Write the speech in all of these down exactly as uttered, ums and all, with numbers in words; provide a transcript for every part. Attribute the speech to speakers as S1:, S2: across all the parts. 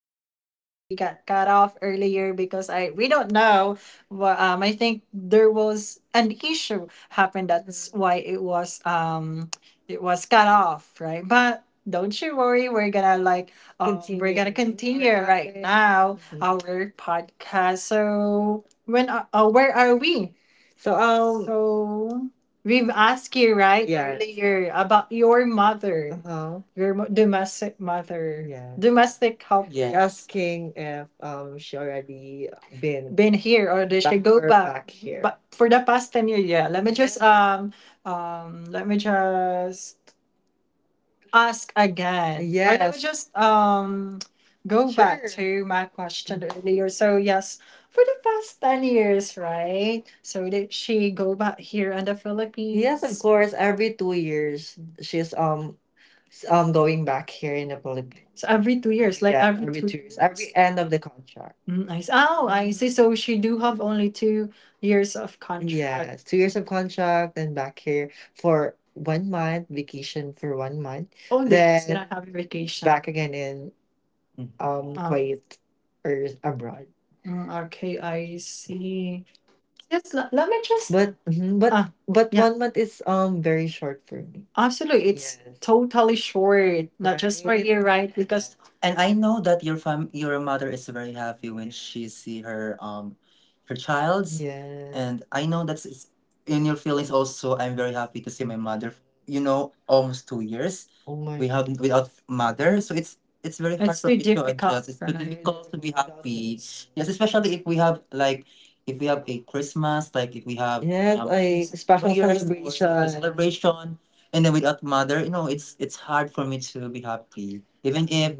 S1: I'm so sorry we got cut off earlier because I we don't know but um I think there was an issue happened, that's why it was um it was cut off, right? But don't you worry, we're gonna like um, we're gonna continue right now. Mhm. Our podcast. So when uh, uh, where are we? So um So we've asked you, right, yes, earlier about your mother. Uh-huh. Your mo- domestic mother, yes, domestic help, yes. Asking if um she already been been here or they should back go or back. back here. But for the past ten years, yeah. Let me just um um let me just ask again. I, yes, will just um go back, sure, to my question earlier. So yes, for the past ten years, right? So did she go back here in the, yes, of Philippines, course? Every two years she's um S um, going back here in the Philippines. So every two years, like, yeah, every every 2 2 years, every years, end of the contract. Mm, I see. Oh, I see. So she do have only two years of contract. Yeah, two years of contract, then back here for one month, vacation for one month. Oh, they just then not have vacation, back again in um Oh, Kuwait or abroad. Mm, okay, I see. Yes, let, let me just. But mhm, but Ah, but yeah, one month is um very short for me, absolutely. It's, yes, totally short, not just for, right, you, right? Because, and I know that your fam your mother is very happy when she see her um her child's, yes, and I know that's it's in your feelings also. I'm very happy to see my mother, you know, almost two years, oh my, we have without mother, so it's it's very hard, it's for too me to difficult, adjust, it's too right, difficult to be happy, yes, especially if we have like if we have a Christmas, like if we have, yes, um, a new special New Year's or some celebration, celebration, and then without mother, you know, it's it's hard for me to be happy. Even if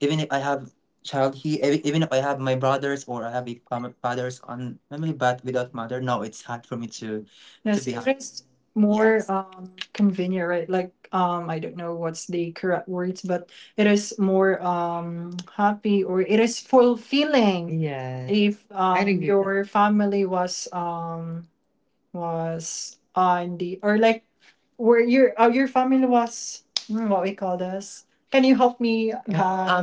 S1: even if I have child, he, ev- even if I have my brothers or I have a fam- fathers on family, but without mother, no, it's hard for me to to yes, be happy, is more, yes, um convenient, right? Like um I don't know what's the correct words, but it is more um happy or it is fulfilling. Yeah, if I um agree with that, your family was um was on the or like where your uh, your family was. Mm, what we call this. Can you help me, Um,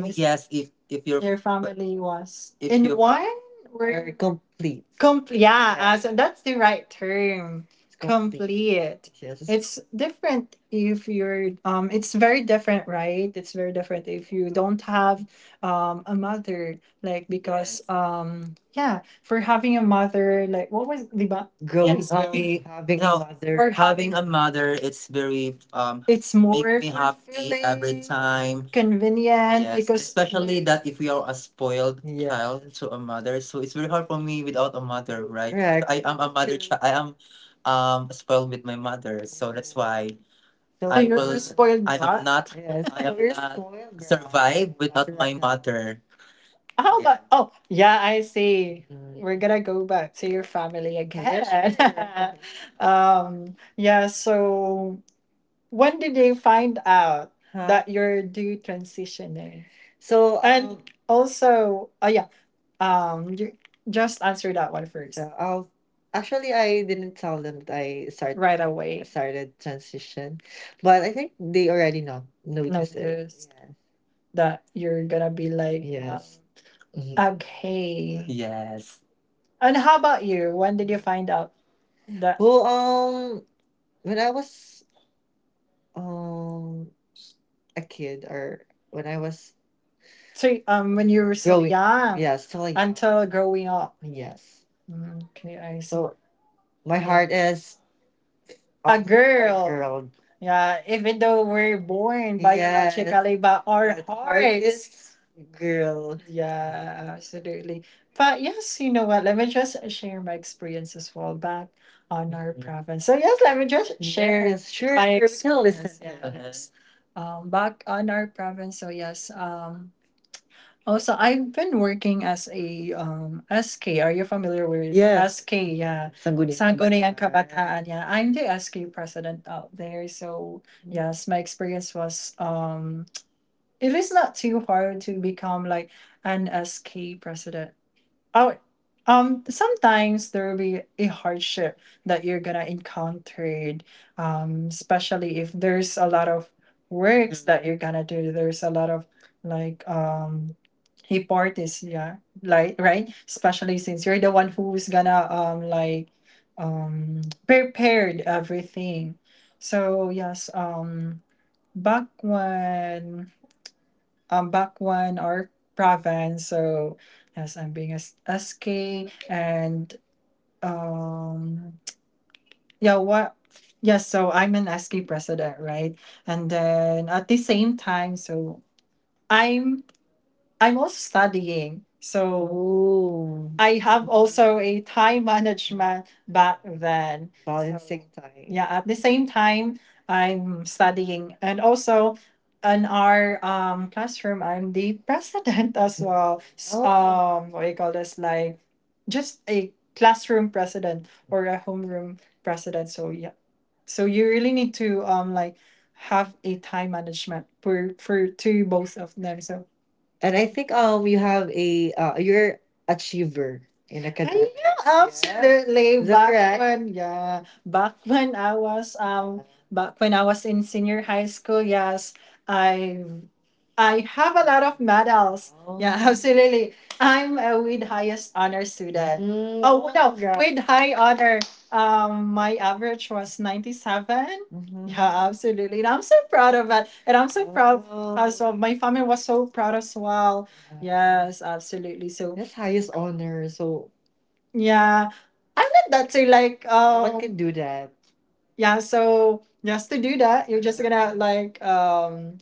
S1: guys? Yes, if if your, your fa- family was, if in your one family where very complete, com- yeah, yeah, uh, so, yes, that's the right term. It's complete. Complete. Yes. It's different if you're um it's very different, right? It's very different if you don't have um a mother, like because, yes, um yeah, for having a mother, like, what was the going, yes very, away, having a, no, mother, or having having a mother, it's very um it's make more me happy every fulfilling time convenient, yes, because especially that if we are a spoiled, yeah, child to a mother, so it's very hard for me without a mother, right, correct. I am a mother child. I am um spoiled with my mother, so that's why. So, I you're will, a spoiled I am brat, not, yes, I, so am you're not spoiled brat, survive, yeah, without my correct mother. How, but, oh yeah, I see. Mm. We're gonna go back to your family again. Yes, sure. um yeah, so when did they find out, huh, that you're due transitioning? So, and um, also, oh yeah, um you just answer that one first. Yeah, I'll actually, I didn't tell them that I started right away. Started transition. But I think they already know, noticed it, noticed, yes, that you're gonna be like, uh, yes. Mhm. Okay. Yes. And how about you? When did you find out that? Well, um, when I was um a kid or when I was. So, um, when you were still growing, young, yeah, still young, until growing up. Yes. Mm, okay, I see. So my, yeah, heart is a girl, girl. Yeah, even though we're born, yes, biologically, but our, but heart, hearts, is girl. Yeah, absolutely. But yes, you know what? Let me just share my experience as well back on our province. So yes, let me just share, yes sure, my, you're still experience listening, yes. Um, back on our province. So yes. Um, also, I've been working as a, um, S K. Are you familiar with, yes, S K? Yeah. Sangguniang Sangguniang Kabataan. Kabataan. Yeah. I'm the S K president out there. So, yes, my experience was, um, it is not too hard to become like an S K president. Oh, um, sometimes there will be a hardship that you're gonna encounter, um, especially if there's a lot of works that you're gonna do. There's a lot of like um parties, yeah, like right, especially since you're the one who's gonna um like um prepared everything. So yes, um, back when um, Bakwan or province. So yes, I'm being as S K and um yeah what, yes, so I'm an S K president, right, and then at the same time so. I'm. I'm also studying, so, oh, I have also a time management back then, so balancing time, yeah, at the same time I'm studying, and also in our um, classroom, I'm the president as well. S- Oh, Um, what do you call this? Like, just a classroom president or a homeroom president. So yeah, so you really need to um like have a time management for for to both of them. So, and I think um you have a, uh, you're achiever in, I academic know, academics. Yeah, absolutely. Is that back correct when, yeah, back when I was, um, back when I was in senior high school, yes, I I have a lot of medals. Yeah, oh, absolutely. I'm a with highest honor student. Mm, oh no, mm, with high honor. Um, my average was ninety-seven. Mhm. Yeah, absolutely. And I'm so proud of it. And I'm so proud as, wow, well. My family was so proud as well. Yes, absolutely. So, that's highest honor. So yeah, I'm not that too like, no one um, can do that. Yeah, so just to do that, you're just gonna like um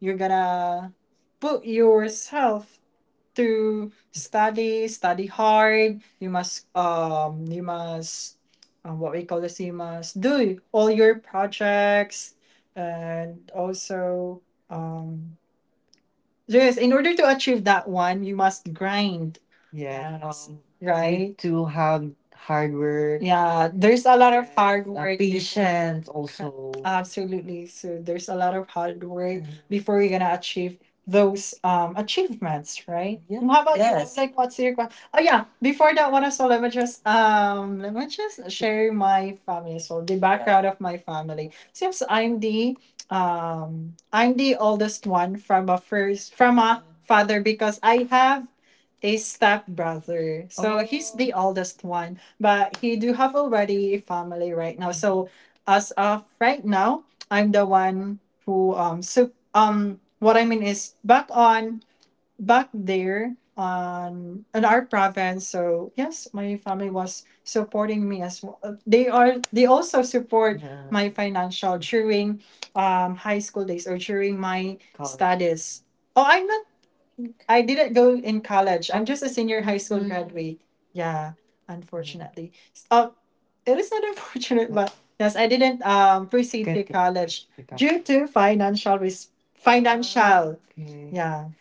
S1: you're gonna put yourself to study, study hard. You must um you must um, what we call this, you must do all your projects and also um yes, in order to achieve that one, you must grind, yes, you right need to have hard work, yeah, there's a lot of hard, uh, work before, patience also, absolutely. So there's a lot of hard work, mhm, before you're gonna achieve those um achievements, right? Yeah. Um, how about you? Yes. Like, what's your que- oh yeah, before that one as well, let me just um let me just share my family as well, the, yeah, background of my family. Since I'm the um I'm the oldest one from a first from a father because I have a stepbrother. So he's the oldest one, but he do have already a family right now. So as of right now, I'm the one who um so um what I mean is back on back there on in our province, so yes, my family was supporting me as well. Uh, they are, they also support, yeah, my financial during um high school days or during my college studies. Oh, I'm not, I didn't go in college, I'm just a senior high school, mm, graduate, yeah, unfortunately. S- uh, it is not unfortunate, but yes, I didn't um proceed, get to it, college, pick up, due to financial risk, financial okay, yeah,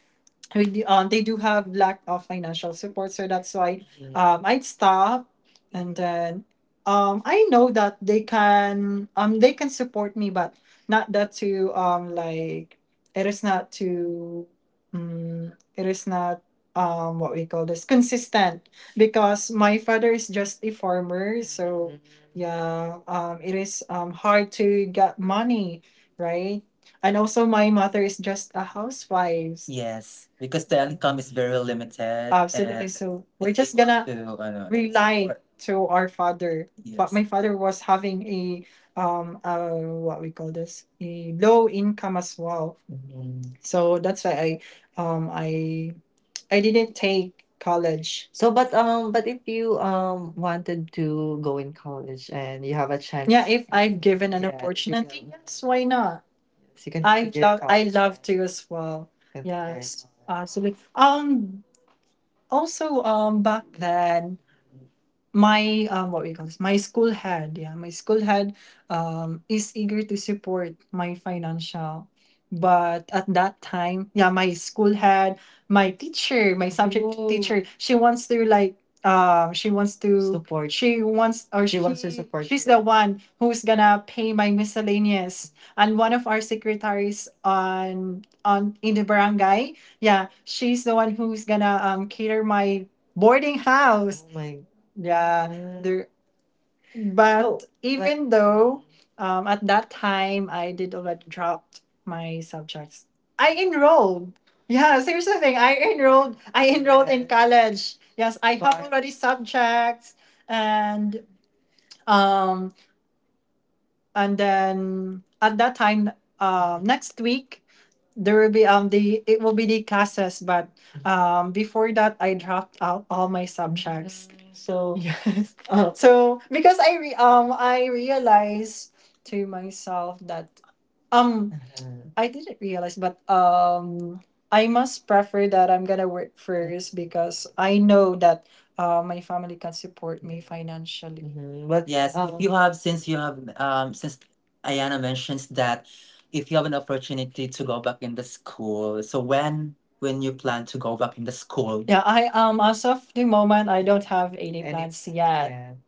S1: we do, um, they do have lack of financial support, so that's why um, I'd stop and then um, I know that they can, um, they can support me but not that to um, like it is not to um, it is not um, what we call this, consistent, because my father is just a farmer, so yeah, um, it is um, hard to get money, right, and also, my mother is just a housewife. Yes, because the income is very limited, absolutely, and so we're just gonna to ano, rely to our father. But yes, my father was having a um uh what we call this a low income as well. Mhm. So that's why I um I I didn't take college. So, but um, but if you um wanted to go in college and you have a chance, yeah, chance, if I've given an, yeah, you opportunity can, yes, why not? You can I figure it love I out love to as well. You can figure it, yes, out absolutely. Um, also, um, back then, my um, what we call this, my school had, yeah, my school had, um, is eager to support my financial, but at that time, yeah, my school had my teacher, my subject, whoa, teacher. She wants to, like, um, she wants to support. She wants, or she, she wants to support. She's the one who's gonna pay my miscellaneous, and one of our secretaries on on in the barangay, yeah, she's the one who's gonna um cater my boarding house. Oh my, yeah, god, there. So but so, like, even though um at that time I did already dropped my subjects, I enrolled. Yeah, seriously thing, I enrolled. I enrolled in, yeah, college. Yes, I have but already subjects, and um and then at that time, uh next week there will be um the, it will be the classes, but um before that I dropped out all my subjects. So yes. uh, so because i re- um i realized to myself that um, I didn't realize, but um, I must prefer that I'm gonna work first because I know that uh, my family can support me financially. Mhm. Well, yes, if you, Um, have since you have um since Ayana mentions that if you have an opportunity to go back in the school, so when when you plan to go back in the school? Yeah, I um as of the moment I don't have any, Any- plans yet.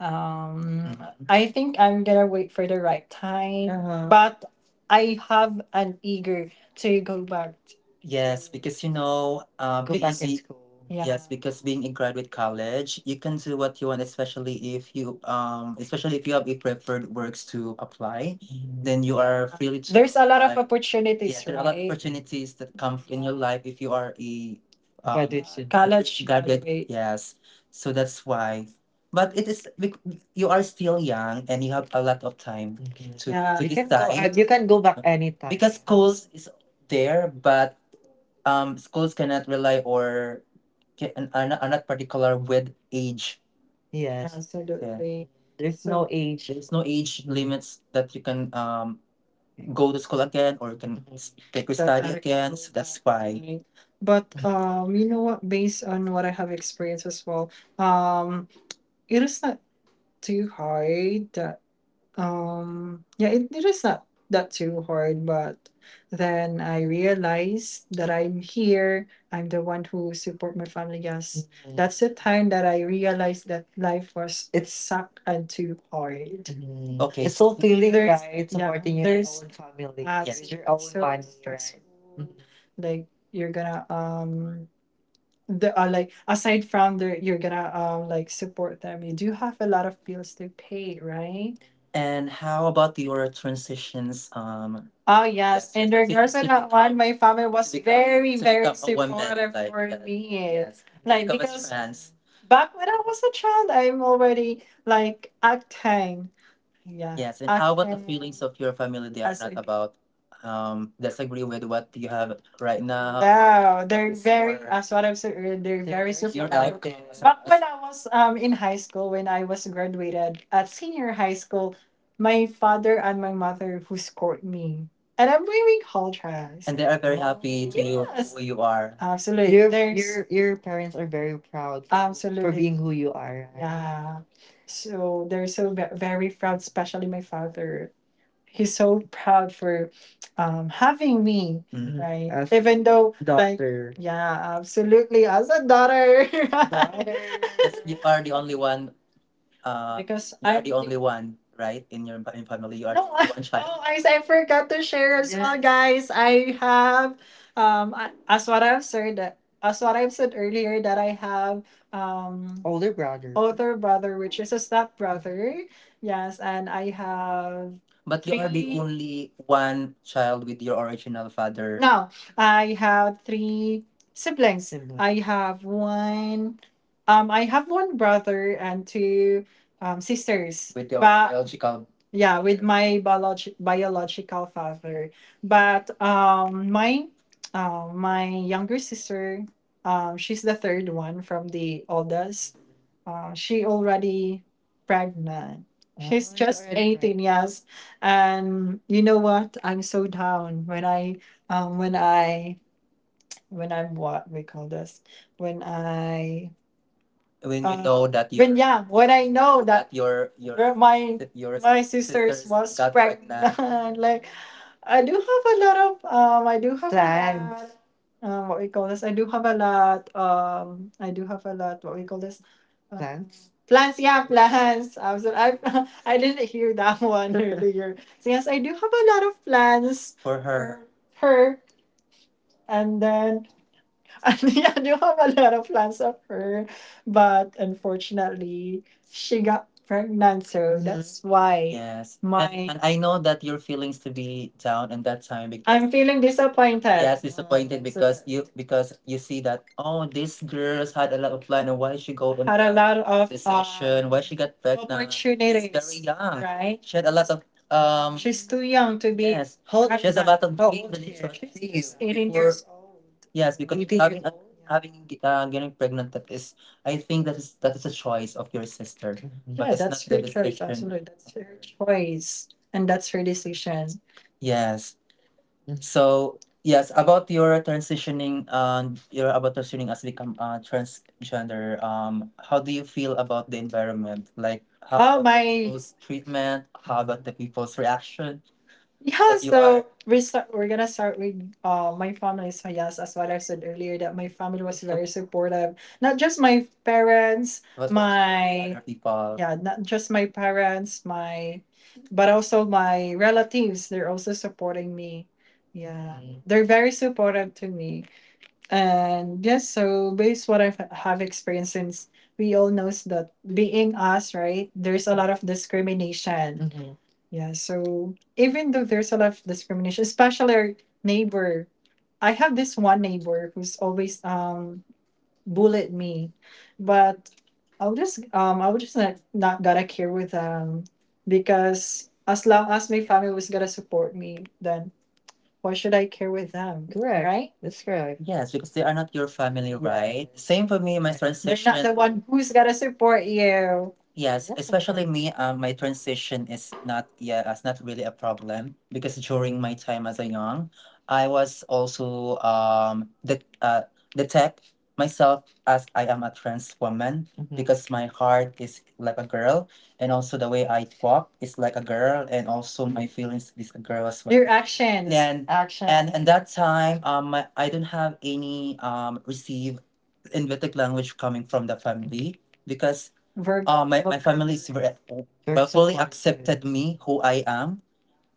S1: Um, I think I'm gonna wait for the right time, uh-huh, but I have an eager to go back. Yes, because, you know, um, go back in school. Yeah. Yes, because being in graduate college, you can do what you want, especially if you, um, especially if you have a preferred works to apply, then you are freely to. There's a lot of apply opportunities, yeah, there are a lot of, right, opportunities that come in your life if you are a, um, graduate student, college graduate, graduate. Yes, so that's why. But it is bec- you are still young and you have a lot of time to, yeah, to, you can go, uh, decide, you can go back anytime, because schools is there, but um schools cannot rely or can, are, not, are not particular with age. Yes. Yeah. Absolutely. There's so- no age. There's no age limits that you can um go to school again or you can s- take your that study are again. So that's why, right. But um, you know what? Based on what I have experienced as well, um, it is not too hard, that, Um, yeah, it, it is not that too hard, but then I realized that I'm here. I'm the one who support my family. Yes, mhm, that's the time that I realized that life was, it sucked, and too hard. Mm, okay. It's so feeling, there's right, yeah, supporting your, there's own family, uh, with it's your own, so money, right, stressful. Mhm. Like, you're gonna um the uh, like aside from the, you're gonna um like support them, you do have a lot of bills to pay, right? And how about your transitions? Um, Oh yes, yes, in to, regards to to that one, become my family to was to become very, to very become a woman supportive, like for that, me, yes, to, like become a, because trans. Back when I was a child, I'm already like acting. Yeah. Yes, and how about the, okay, feelings of your family, they are, as not, a- about um disagree with what you have right now? Wow, they're very, your, as what I've said earlier, they're they're very, your supportive, like supportive. Back when I was um in high school, when I was graduated at senior high school, my father and my mother who support me, and I'm really, and contrast, they are very happy to you, yes, who you are absolutely, your, there's your your parents are very proud for you, for absolutely being who you are, right? Yeah. So they're so ve- very proud, especially my father. He's so proud for um, having me, mhm, right? As, even though, like, daughter, yeah, absolutely, as a daughter. Right? Yes, you are the only one, uh, because you, I are the only one, right? In your fa- in family, you are, no, I, one child. Oh, I I forgot to share as well, guys. I have um I- as what I've said that, as what I've said earlier, that I have um older brother, older brother, which is a step brother. Yes, and I have, but you are the, three, only one child with your original father. No, I have three siblings. Sibling. I have one. Um, I have one brother and two um, sisters. With your, but biological, yeah, with my biologi- biological father, but um my uh, my younger sister, um she's the third one from the oldest, uh, she already pregnant, she's, oh, just eighteen. Yes. And you know what, I'm so down when I, um when I, when I'm, what we call this, when I, when you, uh, know, uh, that you, when your, yeah, when I know that, that your your where my, that your, my sisters, sisters was got pregnant, pregnant, like, I do have a lot of, um, I do have a lot, plans. Um, what we call this? I do have a lot. Um, I do have a lot. What we call this? Uh, Plans, plans, yeah, plans. I was I I didn't hear that one earlier. So yes, I do have a lot of plans for her, for her, and then, and yeah, you have a lot of plans of her. But unfortunately, she got pregnant. So, mhm, that's why. Yes. And my, and I know that your feelings to be down in that time, because I'm feeling disappointed, yes, disappointed. So, because you, because you see that, oh, this girl's had a lot of plan and why she go on, had a lot of this, um, session, why she got pregnant? She's very opportunities, young, right? She had a lot of um she's too young to be, yes. How old, she has a pregnant, lot of how old privileges here, on, she's you just eighteen before years old. Yes, because, you can, having, get a, old, yeah, having uh, getting pregnant, that is, I think that is that is a choice of your sister, but yeah, it's not that's her the choice, decision. Absolutely, that's her choice, and that's her decision. Yes. Mhm. So yes, about your transitioning, um your about transitioning as become, uh, transgender, Um, how do you feel about the environment? Like, how, oh, about the, my, people's treatment? How about the people's reaction? Yeah, that you are, so we start, we're gonna start with uh, my family. So yes, as what I said earlier, that my family was very supportive. Not just my parents, but also my other people, yeah, not just my parents, my, but also my relatives. They're also supporting me. Yeah, mm, they're very supportive to me. And yes, so based what I have experienced, since we all knows that being us, right, there's a lot of discrimination. Mhm. Yeah, so even though there's a lot of discrimination, especially our neighbor, I have this one neighbor who's always um bullied me, but I'll just um I will just not, not gotta care with them, because as long as my family was gonna support me, then why should I care with them? Correct. Right? That's right. Yes, because they are not your family, right, right? Same for me, my transition. They're not the one who's gonna support you. Yes, yeah, especially me, um, my transition is not, yeah, it's not really a problem, because during my time as a young, I was also um the uh detect myself as I am a trans woman, mhm, because my heart is like a girl. And also the way I talk is like a girl, and also my feelings is a girl as well. Your actions. And action. and and that time, um, I don't have any um receive in Vedic language coming from the family, because, Virgo, uh, my, my family is very, they're well, fully supportive, accepted me who I am.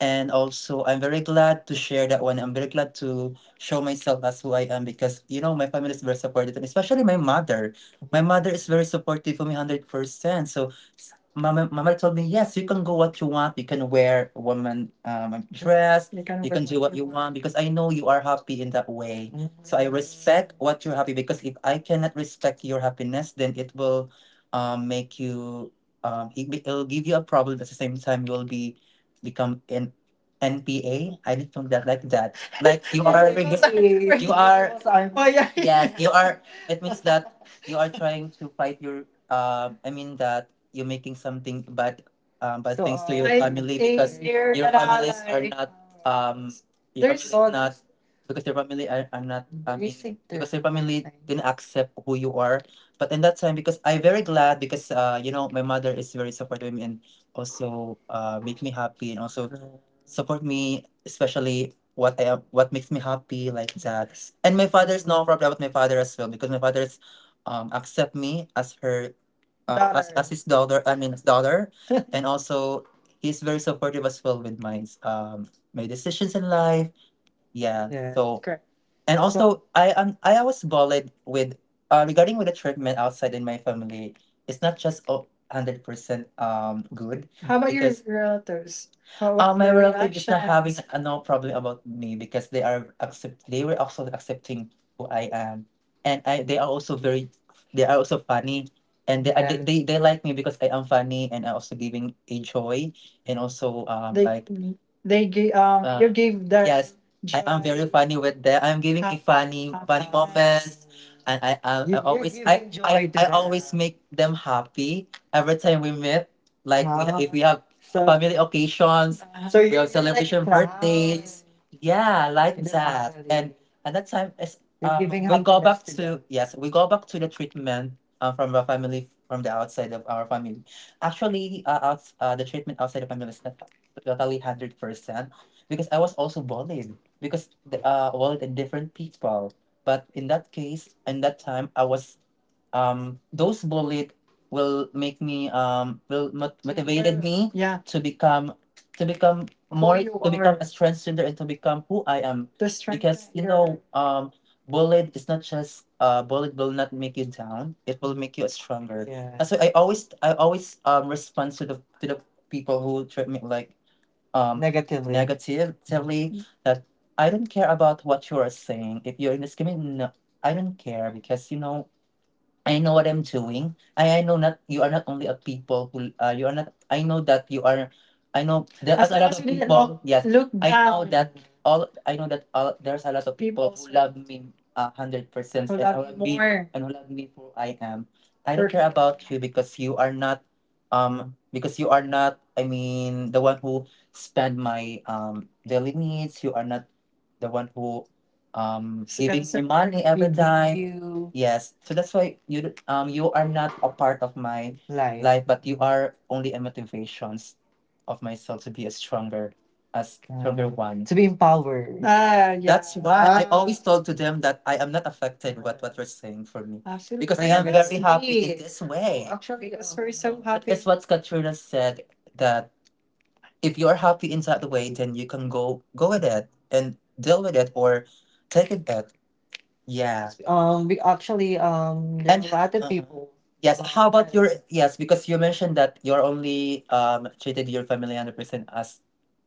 S1: And also, I'm very glad to share that one. I'm very glad to show myself as who I am, because, you know, my family is very supportive, and especially my mother. My mother is very supportive for me one hundred percent. So, s- mama, mama told me, yes, you can go what you want. You can wear a woman, um, dress. You can, you wear can do what you want, because I know you are happy in that way. Mm. So, I respect what you're happy because if I cannot respect your happiness, then it will um, make you, um, it, it'll give you a problem. At the same time, you will be become in N P A. I didn't know that like that. Like you are you are Oh, yeah. yes you are. It means that you are trying to fight your um. I mean that you're making something bad um bad So, things to your I family think because they're your gonna families are like not um your there's family is not because your family are, are not I mean missing their because your family time. Didn't accept who you are. But in that time because I very glad because uh you know my mother is very supportive of me and also uh make me happy and also support me, especially what I what makes me happy like that. And my father's no problem with my father as well because my father's um accept me as her uh, as, as his daughter. I mean his daughter, and also he's very supportive as well with my um my decisions in life. Yeah. Yeah, So correct. And So also I um I was bullied with uh regarding with the treatment outside in my family. It's not just a hundred percent um good how about your because relatives? How was uh, my their relative is not having reactions? uh, no problem about me because they are accept they were also accepting who I am and I they are also very they are also funny and they, uh, they Yeah, they they like me because I am funny and I also giving a joy and also um they like they gave um uh you gave that yes I am very funny with them. I'm giving a funny funny moments, and I am I always I I, I always make them happy every time we meet. Like we, ha- if we have family occasions, So we you have celebration birthdays. Yeah, like that. And at that time, it's, uh, we go back to yes, we go back to the treatment uh, from our family from the outside of our family. Actually, uh, out, uh, the treatment outside the family is not totally hundred percent because I was also bullied because the, uh well the different people but in that case in that time I was um those bullied will make me um will mot- motivated me. Yeah. to become to become more you to become are. A transgender and to become who I am The strength because that you you know you're- um bullied is not just uh bullied will not make you down, it will make you stronger. Yeah. that's why I always I always um respond to the to the people who treat me like um, negative, negatively that I don't care about what you are saying. If you're in this community, no, I don't care because you know I know what I'm doing. I, I know not you are not only a people who uh, you are not. I know that you are. I know there's As a long lot as of we did not people. Yes, look I know down that all. I know that all, there's a lot of people people's who love me a hundred percent who and love who you love me more. And who love me for who I am. I don't care Perfect. About you because you are not. Um, because you are not. I mean, the one who spend my um daily needs. You are not the one who um saving my Spencer, money we every need time. You Yes. So that's why you d- um you are not a part of my live. Life, but you are only a motivations of myself to be a stronger, a stronger Uh, one. To be empowered. Ah, yeah. That's why I always told to them that I am not affected what what you're saying for me. Actually, because I am can very happy in it. This way. Actually, as far as I'm That happy, is what Katrina said that if you're happy in that way, then you can go go with it and deal with it or take it. Yeah. Um, we actually um, there's And a lot of uh people. Yes, how about your yes? Because you mentioned that you're only um treated your family hundred percent as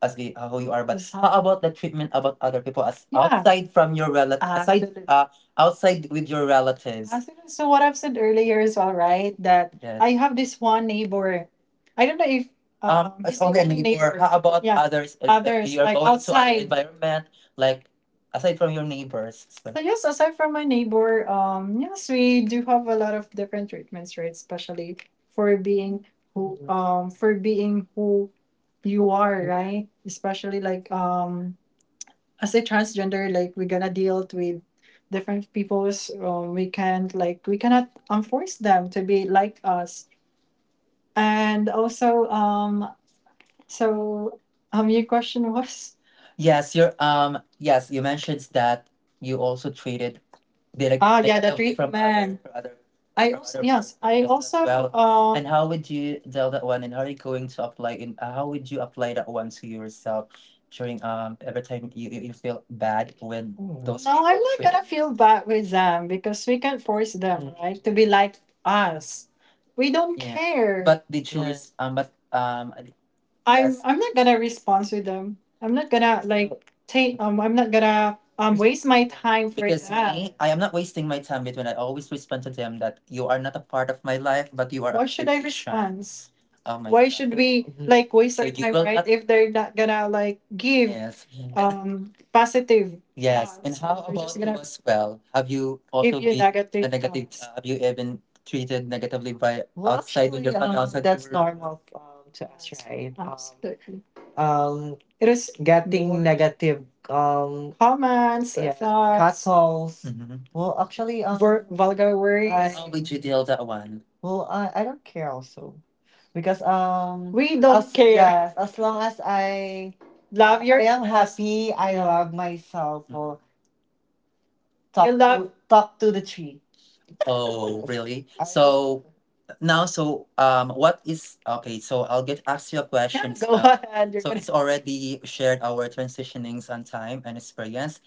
S1: as the, uh, who you are, but Yes, how how- about the treatment about other people as Yeah, outside from your relatives? Aside absolutely. uh outside with your relatives? Absolutely. So what I've said earlier as well, right? That Yes. I have this one neighbor. I don't know if Um, um it's he's only a only neighbor. Neighbor. How about Yeah. others? Uh, uh, Others you're like going to other outside. An environment, like Aside from your neighbors. So- So yes, aside from my neighbor, um, yes, we do have a lot of different treatments, right? Especially for being who, um, for being who you are, right? Especially like um, as a transgender, like we're gonna deal with different peoples. Um, we can't like we cannot um, force them to be like us, and also um, so, um, your question was? Yes, you're um yes, you mentioned that you also treated data Ah, yeah, the data from other treatment. For other I for also other yes, I patients as also well. uh And how would you tell that one and how are you going to apply in uh, how would you apply that one to yourself during um every time you, you you feel bad when Mm. those no, I'm people not treated gonna feel bad with them because we can force them, Mm. right, to be like us. We don't yeah. care. But did you res- um but um I'm Yes. I'm not gonna respond to them. I'm not gonna like take um I'm not gonna um waste my time for Because that. Me, I am not wasting my time between I always respond to them that you are not a part of my life, but you are a Why should I Christian. Respond? Oh my Why God. Should God. We Mhm. like waste So our you time will right not if they're not gonna like give yes. And um positive yes. And thoughts? How They're just about just you gonna as well? Have you give also you been a negative negative thoughts. Uh, have you even treated negatively by Well, outside in your actually, family, um, outside that's your- normal um, to us, right? Um, Absolutely. um, it is getting negative um, Comments, yeah, thoughts, castles. Mhm. Well, actually, um, wor- vulgar words. I, Oh, you deal that one. Well, I, I don't care also because um, we don't as, care. Yes, as long as I Love your I am happy. I love myself. Well, talk love to, talk to the tree. Oh, really? I So now, so um, what is okay? So I'll get ask you a yeah, question. Go Uh, ahead. You're so gonna it's already shared our transitionings on time and experience.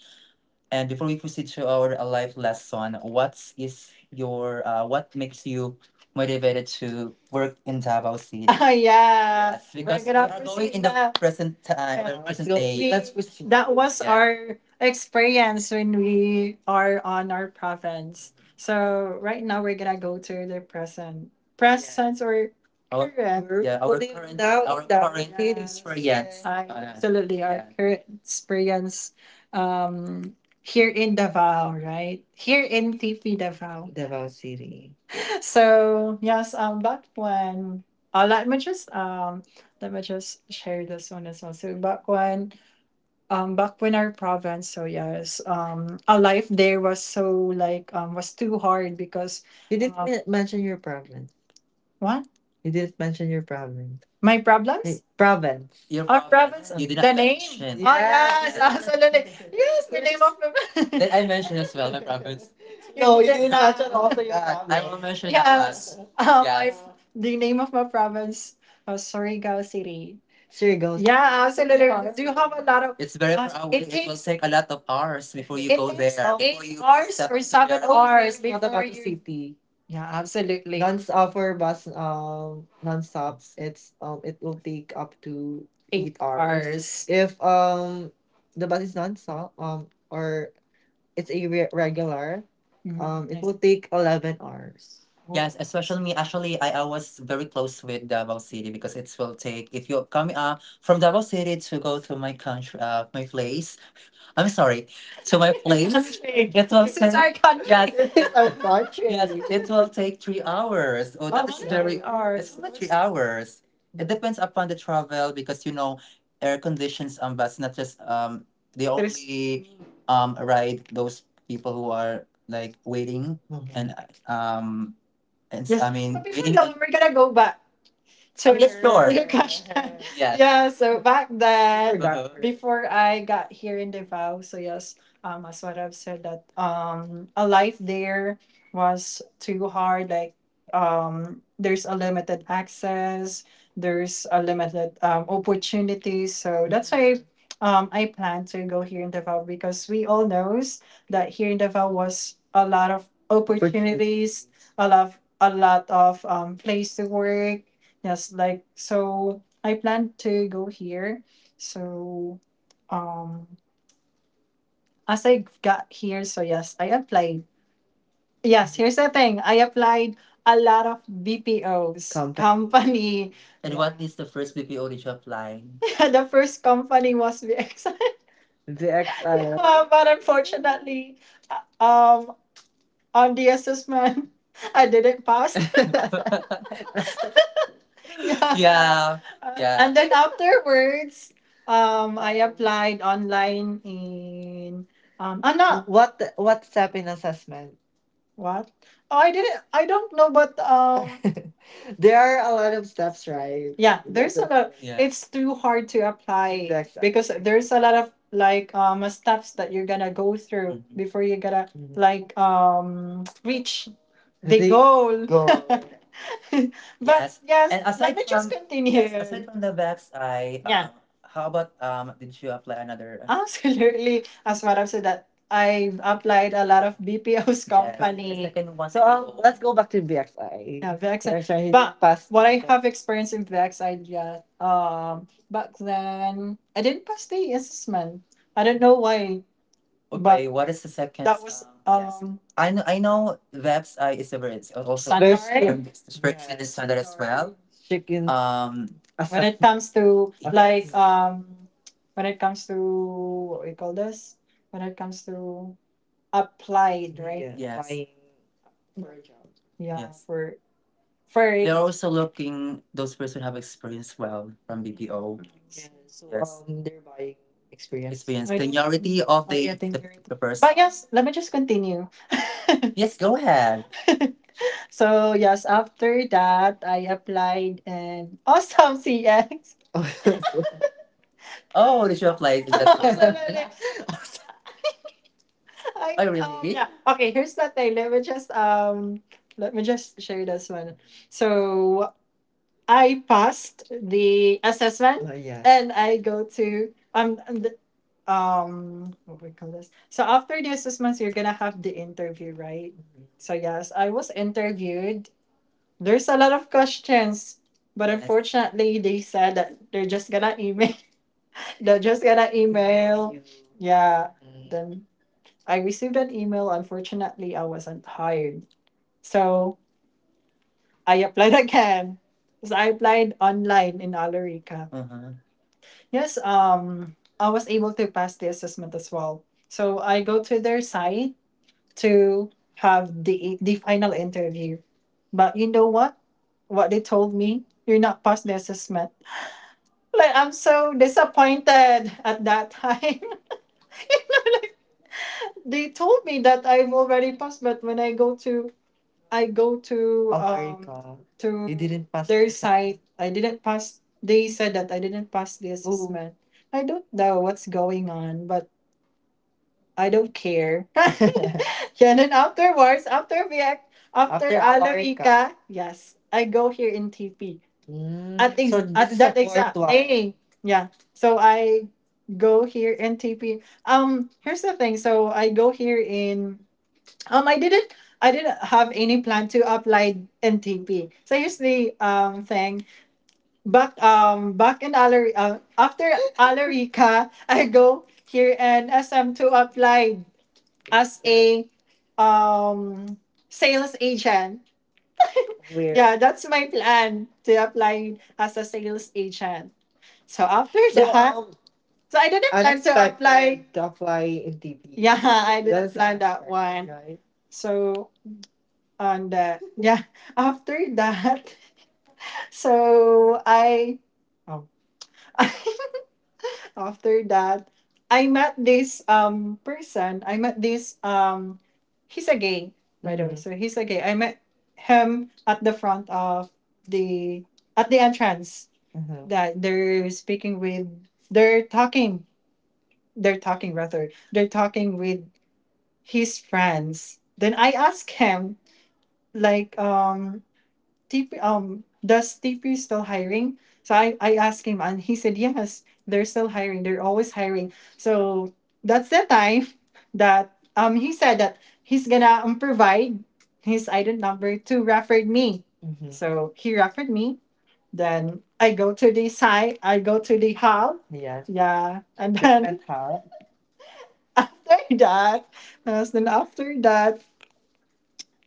S1: And before we proceed to our uh, life lesson, what is your uh, what makes you motivated to work in Davao City? Ah, yeah. Yes, We're because We're we gonna are going proceed in the na. Present time, the Yeah. present So day. We, Let's proceed. That was Yeah. our experience when we are on our province. So right now we're gonna go to the present. Present or Our current. Yeah, our only current now our in the current City. Yes. experience. I Uh, absolutely our yeah. current experience. Um here in Davao, right? Here in T P Davao. Davao City. So yes, um, back when uh, let me just um let me just share this one as well. So back when um back when our province, so yes, um, a life there was so like um was too hard because You didn't um mention your province. What? You didn't mention your province. My problems? Hey, province. Your Or province. Province? You did The not name? Mention. Oh, yes. Yeah. Ah, so Yes, the name of the... Did I mention as well my province? You No, you did not mention also your God, I will province. Mention that Yes. us. Um, my, Yes. the name of my province was Surigao City. Surigao. Yeah, absolutely. Do you have a lot of... It's very Uh, far away. it It will takes take a lot of hours before you it go takes there. Before eight you hours step or to seven your hours Not before about the you city. Yeah, absolutely. Non-stop for bus um non-stops it's um it will take up to Eight eight hours. Hours. If um the bus is non-stop um or it's a re- regular um Mm, it I will see. Take eleven hours. Oh. Yes, especially me. Actually, I, I was very close with Davao City because it will take if you're coming uh from Davao City to go to my country uh my place. I'm sorry, to my place. It will This is take our yes, country. Yes, This is our yes, country. It will take three hours. Oh, oh, that is three very. Hours. It's hours. Not three hours. It depends upon the travel because you know, air conditions on bus not just um they there's only um ride those people who are like waiting. Mhm. And um and s- just I mean but before waiting that, on we're gonna go back to for sure. your, your question. Yes. Yeah, so back then, uh-huh, before I got here in Davao, so yes, um, as what I've said that um, a life there was too hard. Like, um, there's a limited access, there's a limited um, opportunities. So that's why um, I plan to go here in Davao because we all knows that here in Davao was a lot of opportunities, a lot, of, a lot of um, place to work. Yes, like, so I plan to go here. So um as I got here, so yes, I applied. Yes, here's the thing. I applied a lot of B P Os company. Company. And what is the first B P O that you applied? The first company was V X I. V X I. Uh, but unfortunately, uh, um on the assessment I didn't pass. Yeah. Yeah. Yeah. And then afterwards, um, I applied online in um, ah no, What what step in assessment? What? Oh, I didn't. I don't know, but um, there are a lot of steps, right? Yeah, there's a- a lot. Yeah. It's too hard to apply. Exactly. Because there's a lot of like um steps that you're gonna go through. Mhm. Before you gotta, mhm, like um reach the The goal. Goal. But yes, yes, and let aside me just from yes, continue. Aside continue. From the Vex, I yeah, um how about um did you apply another absolutely. As what I've said that I've applied a lot of B P O's, yes, the company. Second one. So um, oh, let's go back to B X I. Yeah, VEX, sorry, sorry, he but past. What I have experienced in VEX, I yeah, um, back then I didn't pass the assessment. I don't know why. But wait, what is the second that was song? Yes. um I know I know Veb's Eye is a bird. Also there's Sunrise. um Spirits in the yes, Standard as well. Chicken. Um When it comes to like um when it comes to what we call this? When it comes to applied, right? Yeah, yes, applying for a job. Yeah, yes. for for they're also looking those person have experience well from B P O. Yeah, so yes, um, they're buying experience. Experience. I do seniority of, oh yeah, the, thank the, you. The person. But yes, let me just continue. Yes, go ahead. So yes, after that, I applied and awesome C X. Oh, did you apply to that absolutely. I oh, um really? Yeah. Okay, here's the thing. Let me just um let me just share this one. So I passed the assessment, uh, yeah, and I go to um and the- um what we call this. So after the assessments, you're gonna have the interview, right? Mhm. So yes, I was interviewed. There's a lot of questions, but yes, unfortunately, they said that they're just gonna email. They're just gonna email you. Yeah. Mm. Then I received an email. Unfortunately, I wasn't hired, so I applied again. So I applied online in Alarica. Yes, um, I was able to pass the assessment as well. So I go to their site to have the the final interview. But you know what? What they told me, you're not past the assessment. Like, I'm so disappointed at that time. They told me that I've already passed, but when I go to, I go to oh, there um go. To you didn't pass their the site, I didn't pass. They said that I didn't pass the, ooh, assessment. I don't know what's going on, but. I don't care. Yeah, and then afterwards, after we act, after after Alarica. Alarica, yes, I go here in T P. Mm, at ex- so at this is the that fourth exact one. Day. Yeah. So I go here in T P. Um, here's the thing. So I go here in um I didn't I didn't have any plan to apply in T P. So here's the um thing. Back um back in Alar uh, after Alarica, I go here in S M to apply as a um sales agent. Weird. Yeah, that's my plan to apply as a sales agent. So after so that, um, so I didn't plan to apply. Unexpected to apply in T P. Yeah, I didn't That's plan that unexpected, one. Right? So and uh, yeah, after that, so I oh. After that i met this um person I met this um he's a gay, by the way. Mm-hmm. So he's a gay. I met him at the front of the at the entrance, hmm, that they're speaking with, they're talking, they're talking rather, they're talking with his friends, then I asked him like um. T P, um, does T P still hiring? So I, I asked him and he said, yes, they're still hiring. They're always hiring. So that's the time that um he said that he's gonna um, provide his I D number to refer me. Mhm. So he referred me. Then I go to the site. I go to the hall. Yes. Yeah. And then different hall. After that, yes, then after that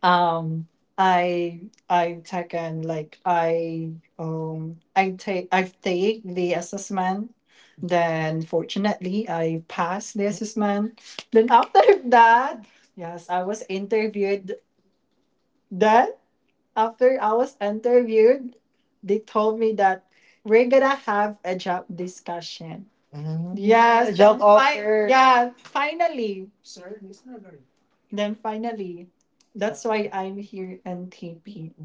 S1: um i i taken like i um i take i've take the assessment, then fortunately I passed the assessment, then after that, yes, I was interviewed, then after I was interviewed, they told me that we're gonna have a job discussion. Mm, yes job then fi- offer. Yeah, finally. Then finally, that's why I'm here and taping.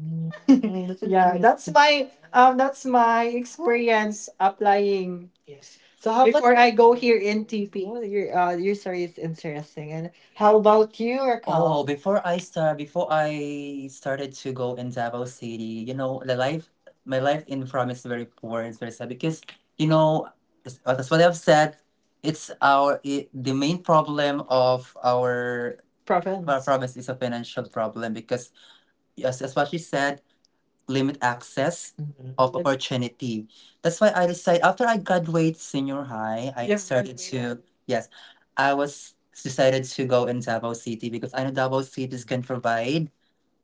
S1: Yeah, that's my um that's my experience applying. So how about before I go here in T P, your uh, your story is interesting. And how about you, Raquel? Oh, before I start, before I started to go in Davao City, you know, the life, my life in from is very poor. It's very sad because, you know, as- that's what I've said. It's our it, the main problem of our our Province. Our province is a financial problem because, yes, as what she said, limit access, mhm, of and opportunity. That's why I decided after I graduate senior high, I you have decided graduated. To graduated. Yes, I was decided to go in Davao City because I know Davao cities can provide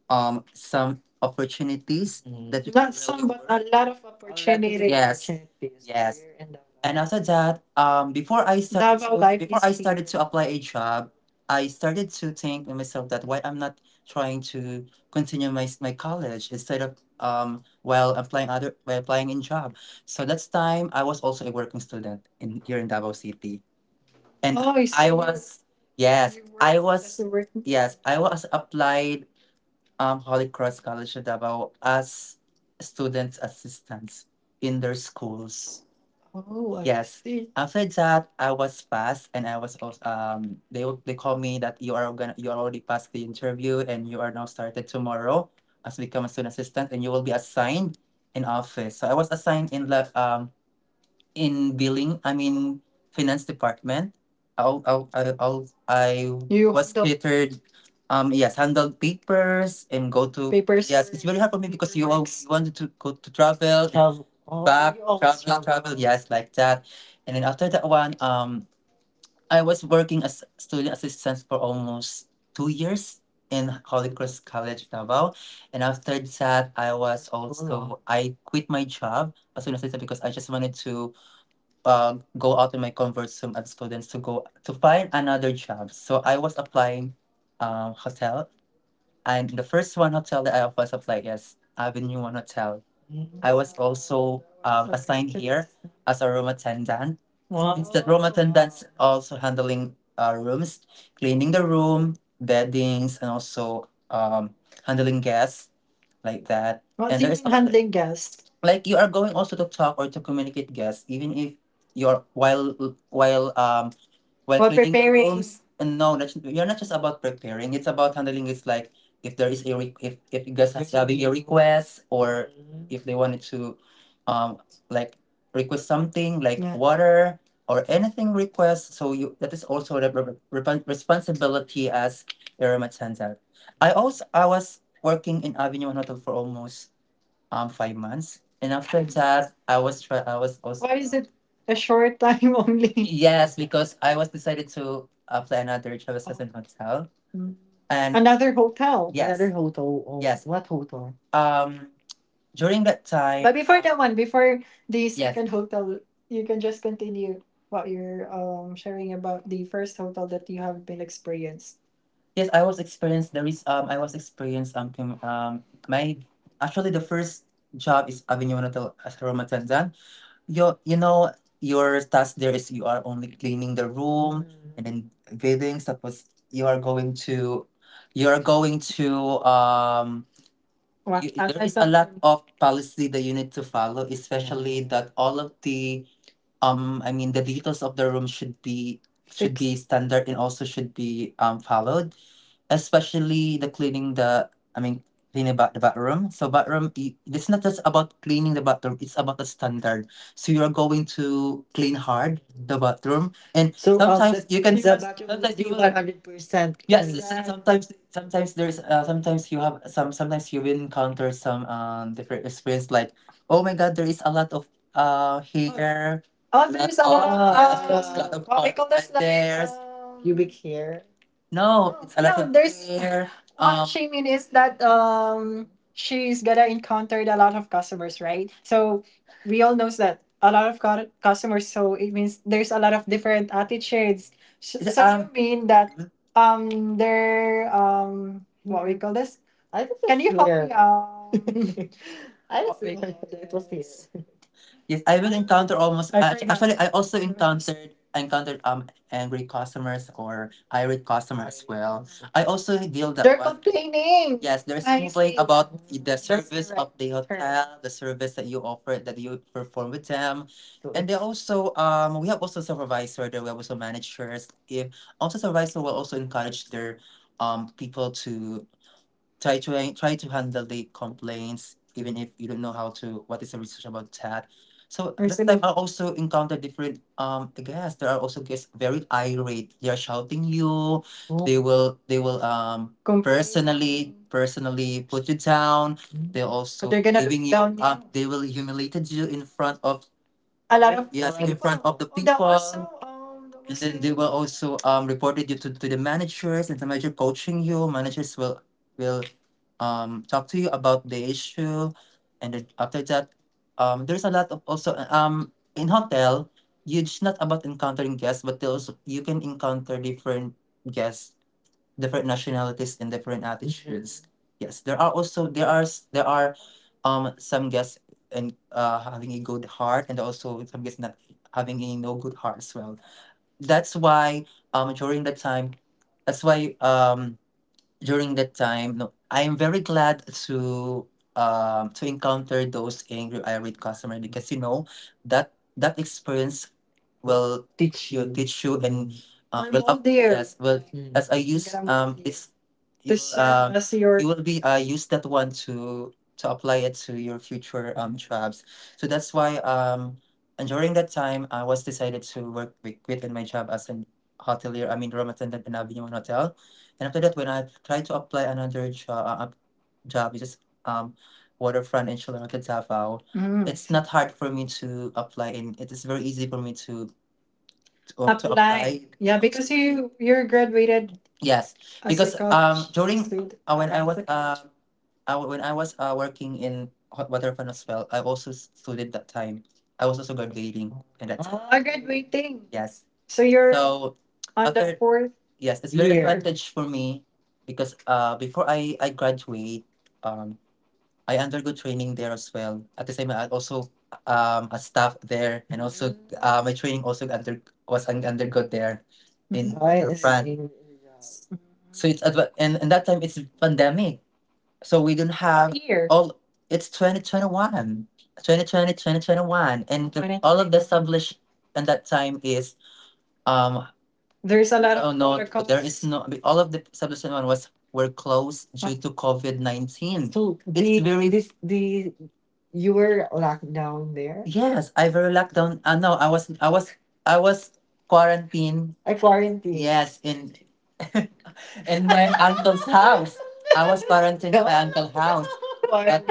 S1: um some opportunities, mm, that you not can some, really but a lot of. A lot of, yes, opportunities, yes. You in Davao. And after that, um, before I started Davao to life before is I is started to here. Apply a job, I started to think to myself that why I'm not trying to continue my my college instead of um while applying other while applying in job. So that's time I was also a working student in here in Davao City, and oh, I so I you was yes you I worked as was a working yes student. I was applied um, Holy Cross College Davao as student assistants in their schools. Oh, I yes, see. After that, I was passed, and I was also um they will- they called me that you are gonna you already passed the interview and you are now started tomorrow as become a student assistant and you will be assigned in office. So I was assigned in lab um in billing i mean finance department. I'll, I'll, I'll, I'll, I you was handle catered um yes handled papers and go to papers. Yes, it's very hard for me because you all wanted to go to travel travel, oh, back you always travel, travel travel, yes, like that. And then after that one um I was working as student assistant for almost two years in Holy Cross College Davao, and after that I was also I quit my job as soon as I because I just wanted to um, go out in my comfort zone as students to go to find another job. So I was applying um, hotel, and the first one hotel that I was applying is Avenue One Hotel. I was also um, assigned here as a room attendant. Means that room attendants also handling uh, rooms, cleaning the room, beddings, and also um, handling guests like that. Well, and there is even handling guests. Like you are going also to talk or to communicate guests even if you're while while um well, well, eating preparing. Alone, no, that's, you're not just about preparing. It's about handling. It's like if there is a re- if if you guys are having a request or if they wanted to, um, like request something like, yeah, water or anything request. So you, that is also the re- re- responsibility as a remittance. I also I was working in Avignon Hotel for almost um five months. And after that, I was try I was I was Why is it a short time only? Yes, because I was decided to apply another job as, oh, an hotel. Mm. And another hotel. Yes, another, yes, hotel. Oh, yes, what hotel? Um during that time. But before that one, before the, yes, second hotel, you can just continue what you're um sharing about the first hotel that you have been experienced. Yes, I was experienced. There is um, I was experienced, um, com- um, my actually the first job is Avignon Hotel as a room attendant. You you know your task there is you are only cleaning the room and then bathing. Suppose you are going to, you are going to um. what. You, there is a lot of policy that you need to follow, especially that all of the um. I mean, the details of the room should be should be standard and also should be um followed, especially the cleaning, the, I mean, cleaning ba- the bathroom. So bathroom i- it's not just about cleaning the bathroom, it's about the standard. So you're going to clean hard the bathroom. And so, um, sometimes the you can clean the just bathroom would sometimes you be will one hundred percent, yes, clean. S- sometimes, sometimes there's uh, sometimes you have some, sometimes you will encounter some um different experience like, oh my god, there is a lot of uh oh, hair. Oh, lot, there's a lot of of ah, yes, there's a lot uh, of what we carpet call this, carpet, like there um pubic hair. No, it's a lot. No, of there's fear. What Um, she mean is that um she's gonna encounter a lot of customers, right? So we all knows that a lot of cu- customers. So it means there's a lot of different attitudes. So, is- so um, you um, mean that, mhm. um they're um what we call this? I think can it's you help me? Fear. Um, I think, yes, I will encounter almost. I, Uh, forgot. Actually, I also encountered encountered um angry customers or irate customers as well. I also deal that. They're one complaining. Yes, there's I complaint, see, about the, that's service of the, correct, hotel, the service that you offer, that you perform with them. So and they also, um we have also supervisor there. We have also managers. If also supervisor will also encourage their um people to try to try to handle the complaints even if you don't know how to what is the research about that. So that time, absolutely, I also encountered different um guests. There are also guests very irate. They are shouting you. They will they will um complain personally, complain personally, put you down. They, but also they're gonna look giving you down um you. Um they will humiliated you in front of a lot of, yes, in front people of the, oh, that people was so um that. And was then so they will also um report it you to, to the managers and the manager coaching you. Managers will will um talk to you about the issue. And then after that, um there's a lot of also uh, um in hotel, you, it's not about encountering guests but they also you can encounter different guests, different nationalities and different attitudes. Yes, there are also there are s- there are um some guests and uh having a good heart and also some guests not having a, no, good heart as well. That's why um during that time, that's why um during that time, no, I am very glad to um to encounter those angry irate customer, because you know that that experience will teach you teach you. And uh, I'm will all up- there, yes, well, as I use um it's you does will, um, uh, your, you will be uh, use that one to to apply it to your future um jobs. So that's why um and during that time I was decided to work with quit in my job as an hotelier. I mean room attendant in Avignon Hotel, and after that when I tried to apply another job, uh, job which is um waterfront in Chilonota Davao, mm, it's not hard for me to apply and it is very easy for me to to, to apply apply. Yeah, because you, you're graduated, yes, as a, because, um college during student, uh, when right I as was, as a, uh, college, uh, uh when I was uh working in hot water fun as well, I also studied that time. I was also graduating and that time. Ah, graduating, yes. So you're, so on the after fourth, yes, it's very year advantage for me because uh before I I graduate. um. I undergo training there as well. At the same, I also um a staff there, and also, mm, uh, my training also under was un- undergo there in I, uh, France. See. So it's adva- and, and that time it's pandemic. So we don't have year? All it's twenty twenty one, twenty twenty twenty twenty one, and the- all of the established, and that time is um there's a lot of, oh no, protocols. There is no. All of the establishment one was were closed due to COVID nineteen. So the, it's very this the, you were locked down there. Yes, I very locked down. Uh, no, I was I was I was quarantined. I quarantined. Yes, in in my uncle's house. I was quarantined by uncle's house. But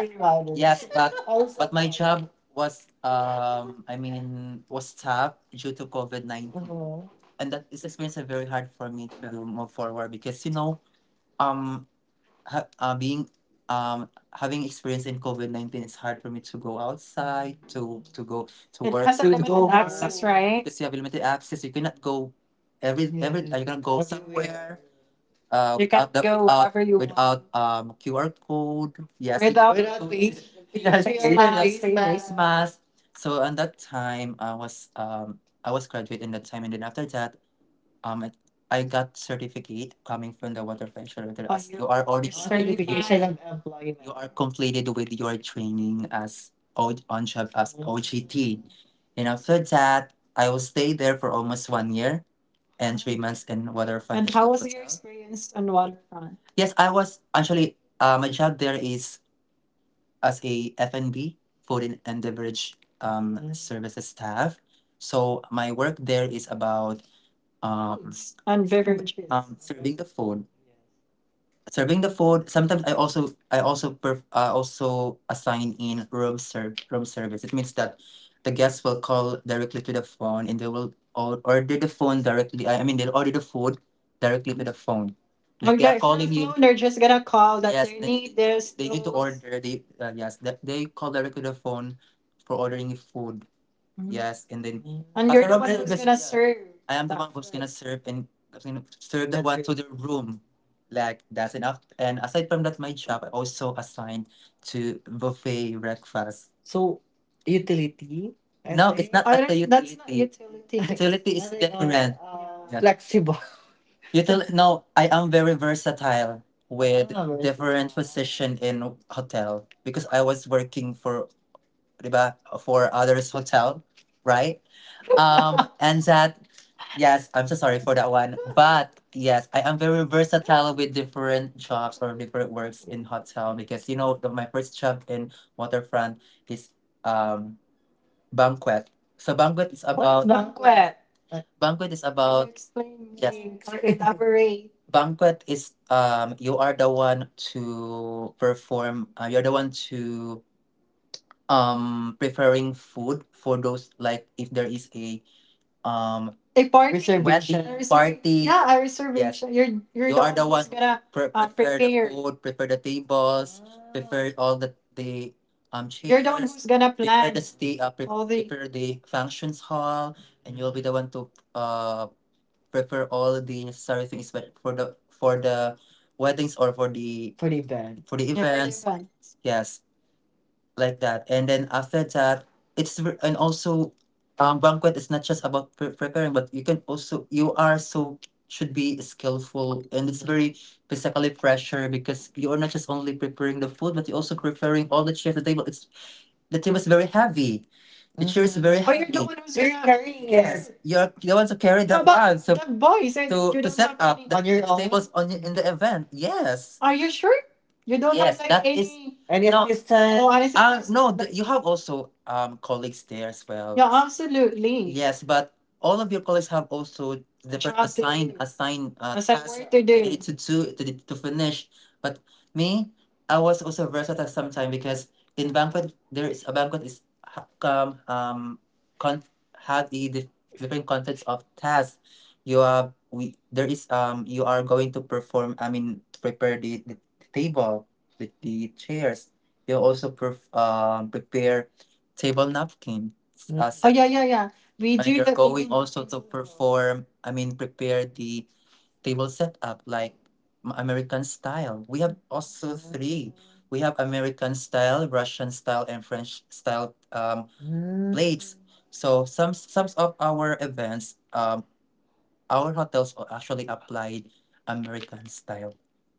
S1: yes, but but my job was um I mean was stopped due to COVID nineteen. Mhm. And that is experience are very hard for me to move forward because you know um ha- uh, being um having experience in COVID nineteen is hard for me to go outside to to go to, it work has a, to limited go, right? Because you have limited access. You cannot go every every Mm-hmm. you cannot go somewhere. uh You can out the go out wherever you without um Q R code. Yes, you without, yes, feel my Christmas, smile, Christmas. So on that time, I was um I was graduate in that time. And then after that, um I I got certificate coming from the water venture leader. Oh, as you you are already certification of employment, you are completed with your training as O- on job as O G T. And after that, I will stay there for almost one year and three months in Waterfront. And how was your experience on Waterfront? Yes, I was actually uh, my job there is as a F and B, food and and beverage, um, mm, services staff. So my work there is about um, and beverages, um, serving the food. Serving the food. Sometimes I also I also perf- uh, also assign in room serv room service. It means that the guests will call directly to the phone and they will or- order the phone directly. I I mean they'll order the food directly to the phone. Oh, like they, yeah, are it's calling you phone. They're just gonna call that, yes, they they, need this, they need to those order. They uh, yes, they, they call directly to the phone for ordering food. Mhm. Yes, and then, and I, you're I the love one who's the gonna serve, I am the that one who's gonna food serve and who's gonna serve the one to the room. Like that's enough. And aside from that, my job I also assigned to buffet breakfast. So utility? No, it's not I at the don't, that's not utility. Utility. Utility is different. Yeah. Flexible. Util- no, I am very versatile with, ah, different position in hotel because I was working for diba, for others hotel, right? Um, and that, yes, I'm so sorry for that one. But yes, I am very versatile with different jobs or different works in hotel because you know the, my first job in waterfront is um banquet. So banquet is, what is about banquet? Banquet is, can you about explain, yes, me, or elaborate? Banquet is um you are the one to perform, uh, you're the one to um preparing food for those, like if there is a um a party, reservation. A reservation party. Yeah, a, yes, reservation. You're you're you the are the one who's one gonna pre- uh, prepare the prepare food, prepare the tables, ah, prepare all the the um You're the one chairs, who's gonna prepare the plan stay, uh, pre- all the prepare the functions hall, and you'll be the one to uh prepare all the necessary things but for the for the weddings or for the For the event. For the yeah, for the events. Event. Yes, like that, and then after that it's ver- and also um banquet is not just about pre- preparing, but you can also you are so should be skillful and it's very physically pressure because you are not just only preparing the food but you're also preparing all the chairs, the table, it's the table is very heavy, it chair is very Oh, you're heavy. The happy. One who's You're gonna carrying it, yes. It You're the one to carry No, that but one. So the boys and to you to don't set have up any. The, on your own. Tables on in the event. Yes, are you sure? You don't have, yes, like that is any. Any no. Assistant? Oh, an Uh, assistant. No, the, you have also um colleagues there as well. Yeah, absolutely. Yes, but all of your colleagues have also different Job to assigned do. Assigned uh, Assign need to do to, to finish. But me, I was also versatile sometimes because in banquet there is a banquet ha- come um con- have the dif- different concepts of tasks. You are we there is um you are going to perform, i mean to prepare the, the table with the chairs. You also perf- um prepare table napkin. Mm. as Oh yeah, yeah, yeah. We and do you're the going also form, i mean prepare the Table setup like m- American style. We have also three. We have American style, Russian style, and French style um, Mm. plates. So some some of our events, um, our hotels o- actually applied American style.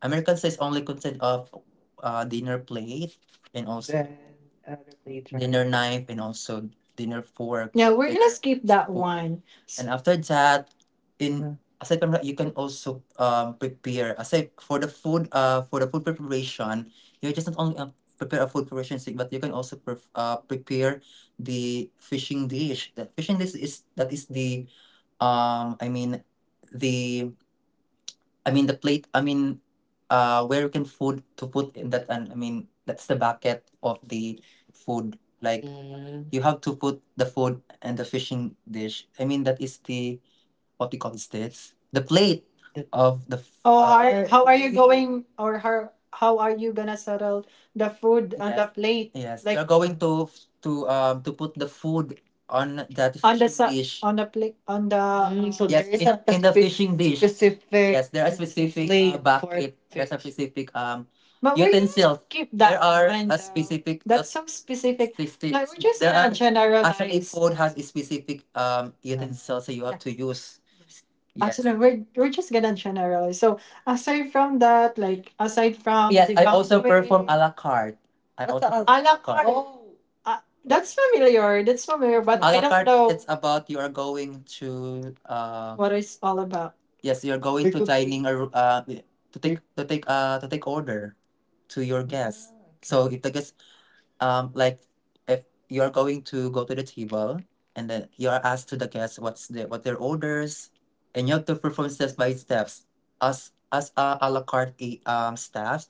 S1: American style is only consist of uh, dinner plate and also Then other plate, right? dinner knife and also dinner fork. Yeah, we're gonna skip that spoon. One. S- And after that, in Mm. aside from that, you can also um, prepare aside for the food, uh for the food preparation. You just not only uh, prepare a food preparation, thing, but you can also pref uh, prepare the fishing dish. That fishing dish is that is the um I mean the I mean the plate, I mean uh where you can food to put in that, and I mean that's the bucket of the food. Like Mm. you have to put the food and the fishing dish, I mean that is the what we call this, the plate of the f- Oh, uh, are, how are you going or how, how are you gonna settle the food on the, yes plate? Yes Like you're going to f- to um to put the food on that on the fishing sa- dish on the plate on the Mm, so yes there is in, a in the specific fishing dish specific yes there are specific uh, plate for bucket there's a fish. Specific um But we're gonna utensils skip there that are one a though. Specific uh, That's so specific. Specific Like we're just there gonna are actually generalize. Food has a specific um utensil, so you have to use Yes. Actually, we're, we're just gonna generalize. So aside from that, like aside from Yes, the I also perform gangway, à la carte. I What's also the a la carte. Uh, that's familiar. That's familiar, but À I la don't carte, know it's about you are going to uh what it's all about. Yes, you're going to dining or uh to take to take uh to take order to your guest. So it I guess um like if you're going to go to the table and then you're asked to the guests what's the what their orders, and you have to perform steps by steps as as a, a la carte eh, um staff.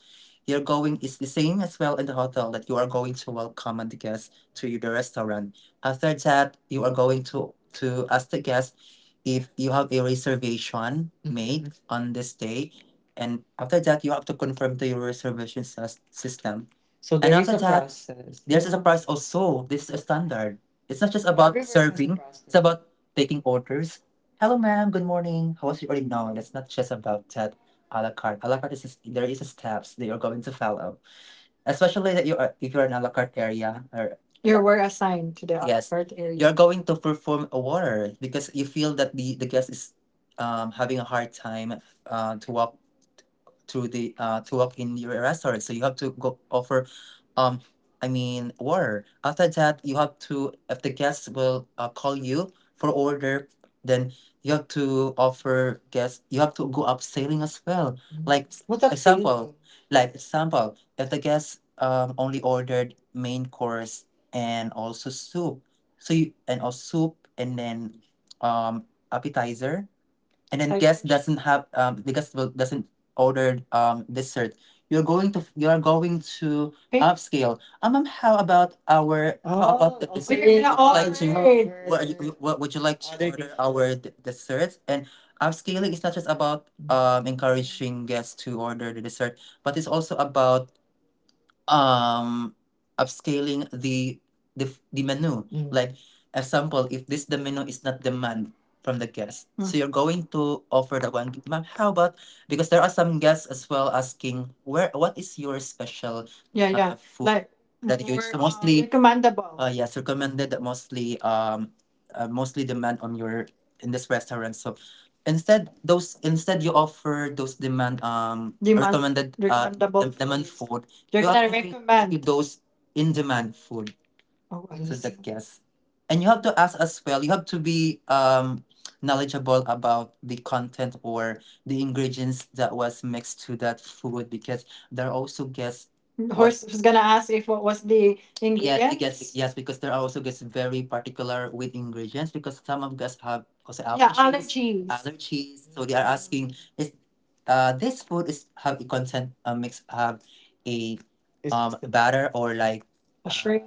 S1: You're going it's the same as well in the hotel that you are going to welcome the guests to the restaurant. After that you are going to to ask the guests if you have a reservation made on this day, and after that you have to confirm to your reservation sys- system. So And there is after a that, process. There's a surprise also. This is a standard. It's not just about Rivers has a serving, process. It's process. About taking orders. Hello, ma'am. Good morning. How was your order? No, that's not just about that a la carte. A la carte is there is a steps that you're going to follow, especially that you are if you're in a la carte area, or You were assigned to the a la, yes, carte area. You're going to perform a water because you feel that the the guest is um having a hard time uh, to walk to the uh to work in your restaurant, so you have to go offer um i mean water. After that you have to if the guests will uh, call you for order, then you have to offer guests, you have to go up sailing as well, like What's up, example like example if the guests um only ordered main course and also soup so you and also soup and then um appetizer, and then I, guest doesn't have, um, the guest will, doesn't order um, dessert, you're going to you're going to okay. Upscale um, um, how about our how about the Oh, dessert We're okay. would gonna you like to order. What, you- what would you like to other order our d- desserts and upscaling is not just about, um, encouraging guests to order the dessert, but it's also about um upscaling the the, f- the menu. Mm. Like example if this the menu is not demand from the guests, so you're going to offer the one, ma'am, how about because there are some guests as well asking where what is your special Yeah, uh, yeah. Food Like that you more so uh, mostly recommendable. Uh yes recommended mostly um uh, mostly demand on your in this restaurant, so instead those instead you offer those demand, um Demand recommended uh dem- recommendable demand foods. Food you You're to to activate recommend. Those in-demand food. Oh, I to the see. Guest. And you have to ask as well. You have to be um knowledgeable about the content or the ingredients that was mixed to that food, because there are also guests what Horse was gonna ask if what was the, yes yes ingredients. Yes, because there are also guests very particular with ingredients, because some of guests have also Yeah, allergies allergies. Allergies, so they are asking is uh this food is have a content, uh, mix have a It's um batter or like shrimp,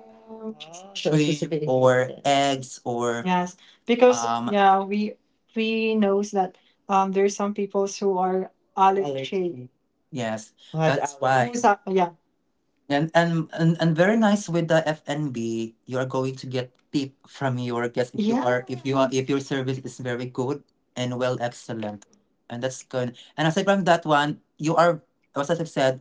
S1: sure, shrimp specifically. Or eggs or Yes, because um yeah, we we knows that um there's some people who are allergic. Yes What that's why Who's a- yeah. And and and, and very nice with the fnb, you are going to get tip from your guest if you Yeah. are if you are if your service is very good and well excellent, and that's good. And aside from that one, you are as I said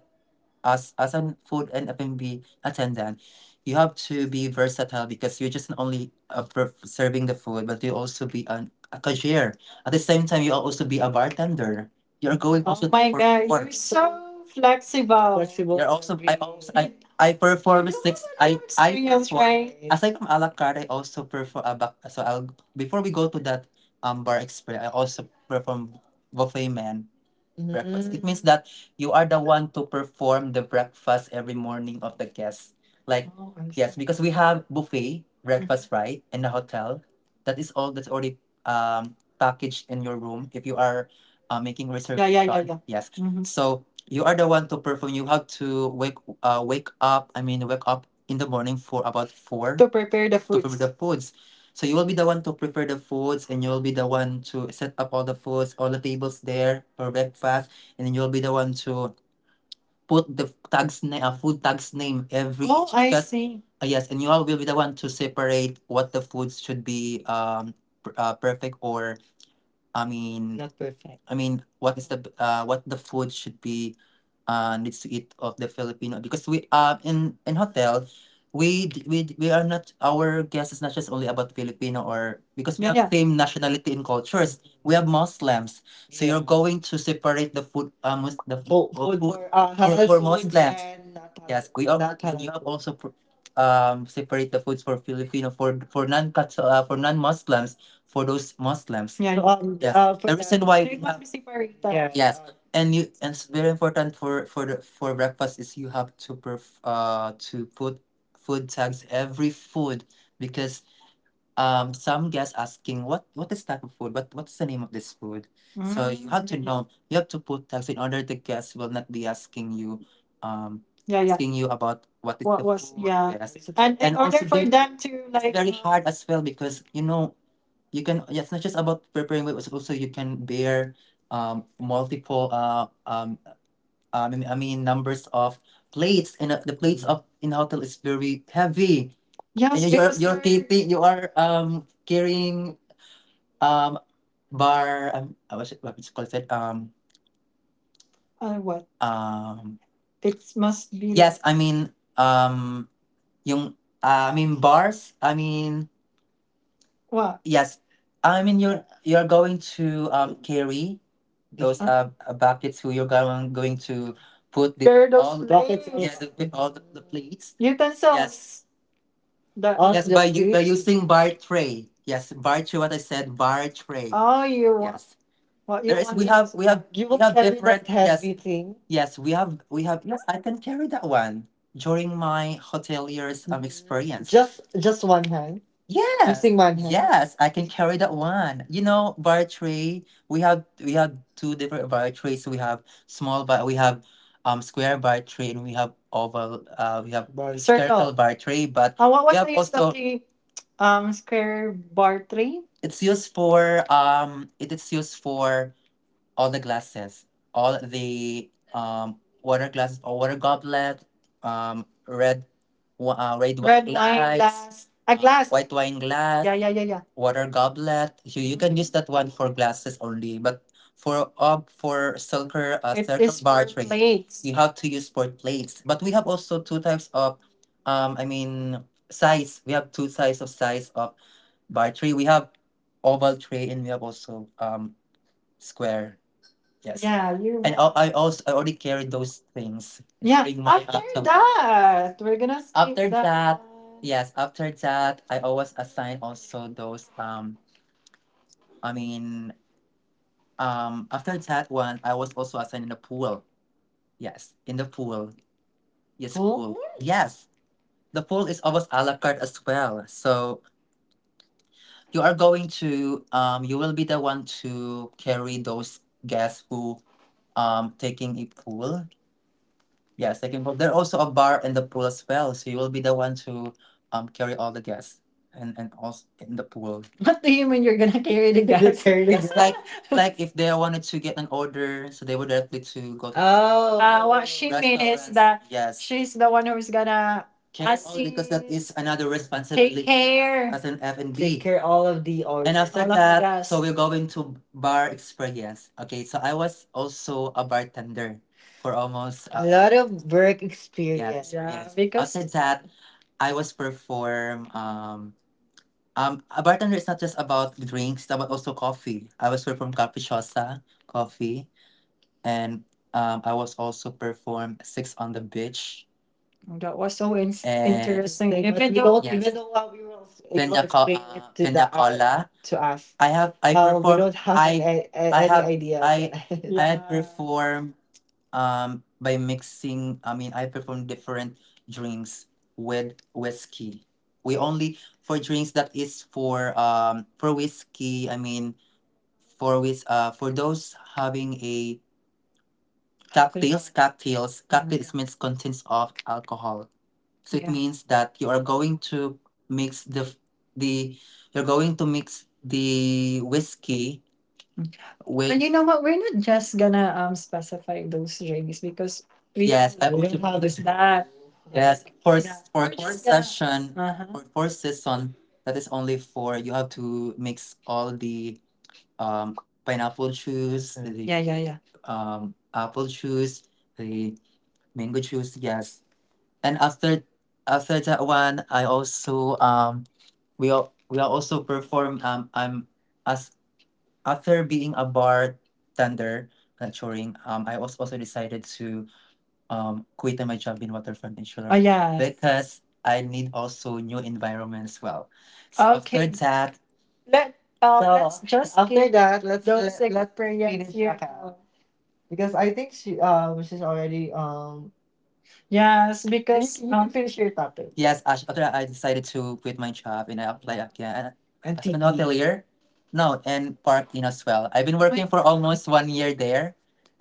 S1: as as an food and F and B attendant, you have to be versatile because you're just not only uh, per- serving the food, but you also be an, a cashier. At the same time, you will also be a bartender. You're going Oh also to my God, you're perform. So flexible. Flexible. You're also I also I You, I You perform six have a lot I of I experience, perform right? Aside from a la carte, I also perform a back. So I'll before we go to that um bar experience, I also perform buffet man breakfast. It means that you are the one to perform the breakfast every morning of the guests. Like Oh, I yes, see. Because we have buffet breakfast right in the hotel. That is all that's already um packaged in your room if you are uh, making reservation. Yeah, yeah, yeah, yeah. Yes. Mhm. So you are the one to perform. You have to wake uh wake up. I mean wake up in the morning for about four to prepare the to prepare foods. The foods. So you will be the one to prepare the foods and you will be the one to set up all the foods, all the tables there for breakfast, and then you'll be the one to put the tags name, uh, food tags name every Oh, each I that see. uh, yes, and you all will be the one to separate what the foods should be um pr- uh, perfect or I mean, Not perfect. I mean, what is the b- uh, what the food should be uh, needs to eat of the Filipino because we uh in in hotel we d- we d- we are not our guest is not just only about Filipino or because we have, yeah, same nationality and cultures. We have Muslims, so, yeah, you're, yeah, going to separate the food, uh, mus- the f- food, uh, food food for uh, for, halal for foods Muslims and not halal. Yes, we are not and halal you have food. Also pr- um separate the foods for Filipino for for non uh, for non Muslims for those Muslims. Yeah. So, um, yes, uh, for The the, reason why we have, yeah, yes, and you and it's very important for for the for breakfast is you have to perf, uh to put food tags every food, because um some guests asking what what is type of food, what what's the name of this food. So you have to, mm, know. You have to put tags in order the guests will not be asking you, um yeah, yeah, asking you about what is what the was food, yeah, yes. And in and order also for they them to, it's like very um, hard as well because, you know, you can, yeah, it's not just about preparing weight but also you can bear um multiple uh um I mean, I mean numbers of plates, and uh, the plates of in hotel is very heavy. And yes, you- you're because you're you're taking you are um carrying, um bar, um uh, what's it, what's it called it, um uh, what? um It must be like, yes, I mean, um yung, uh, I mean bars, I mean, what? Yes. I mean you're you're going to um carry those uh, uh, buckets who you're going going to put the. There are those all plates. Buckets, yeah, the all the, the plates, utensils. Yes. That, yes, was by u- by dish using bar tray. Yes, bar tray. What I said, bar tray. Oh, you want, yes, what you there is want. We have we have, you we will have carry that different. Yes, heavy thing. Yes, we have we have. Yes, I can carry that one during my hotelier's um experience. Just just one hand. Yes, using one hand. Yes, I can carry that one. You know, bar tray. We have we have two different bar trays. We have small bar. We have um square bar three, and we have oval, uh we have by- circle, circle by three. But Uh, what we was have the use of also the um square bar three? It's used for um it is used for all the glasses, all the um, water glasses or water goblet, um, red, wa- uh, red wine, red wine wine glass, glass, a glass, white wine glass. Yeah, yeah, yeah, yeah. Water goblet. You, you can use that one for glasses only, but for uh, for circle, uh, it circle is bar for tray, plates, you have to use for plates. But we have also two types of, um, I mean, size. We have two size of size of bar tray. We have oval tray, and we have also um square. Yes. Yeah, you and al- I also I already carried those things. Yeah, during my after autumn. That, we're gonna skip. After that that one, yes, after that, I always assign also those um I mean um after that one I was also assigned in the pool. Yes, in the pool. Yes, cool, pool. Yes. The pool is always a la carte as well. So you are going to um you will be the one to carry those guests who um taking a pool. Yeah, second can go. There's also a bar and the pool as well, so you will be the one to um carry all the guests and and also in the pool. What do you mean you're gonna carry the you're gas? Carrying the, it's like, like if they wanted to get an order, so they would directly to go to, Uh, what, oh, she means is restaurants. That Yes, she's the one who's gonna carry all because that assist is another take responsibility care as an F and Take B. care all of the or and after all of the that, so gas, we're going to bar experience. Okay, so I was also a bartender for almost, uh, a, uh, lot of work, yeah, experience. Because outside that, I was perform um um a bartender is not just about drinks, but also coffee. I was perform capricciosa coffee, and um I was also perform six on the beach. That was so in- and interesting. Thing, even but you though don't yes, even know how we will able pina to pina co- explain it, uh, to pina the, uh, cola, to us. I have I Um, we perform, don't have I any, I any have idea of I I had, yeah, perform um by mixing, I mean, I perform different drinks with whiskey. We only for drinks that is for um for whiskey, I mean for with, uh for those having a cocktails. Cocktails cocktails means contents of alcohol. So it, yeah, means that you are going to mix the f- the, you're going to mix the whiskey. Wait. And you know what? We're not just gonna um specify those rings because we, yes, I will, we would, do that. Yes, for, yeah, s- for, we're for just gonna, session, uh huh, for for season, that is only for you have to mix all the um pineapple juice, the, yeah, yeah, yeah, um apple juice, the mango juice. Yes. And after after that one, I also um we all we are also perform um I'm after being a bartender lecturing, um, I was also decided to um quit my job in Waterfront. Oh, insurance. Oh, yes. Because I need also new environments. Well, so after, okay, that, let um so let's, so just after give that, let's those let, let's experience finish here. Akal because I think she um she's already um yes, because you uh, can finish your topic. Yes, Ash, after I decided to quit my job and I apply again and as an T P hotelier. No, and parked in as well. I've been working for almost one year there.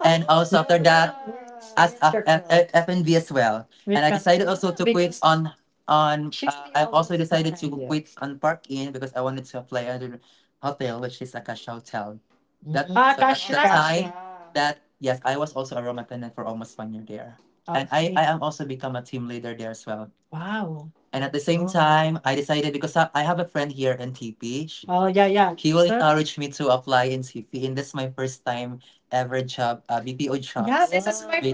S1: And also after that, yes, as yes, and b as well. We and I can decided also to quit because on on she's uh, I also decided to, yeah, quit on Park Inn because I wanted to apply another hotel which is a cash hotel. That, mm, ah, so, mm, at cash that out. That, yes, I was also a room attendant for almost one year there. Okay. And I, I am also become a team leader there as well. Wow. And at the same, oh, time, I decided because I, I have a friend here in T P. Sh- oh yeah, yeah. He will so encourage me to apply in T P, and this is my first time ever job, uh, B P O job. Yeah,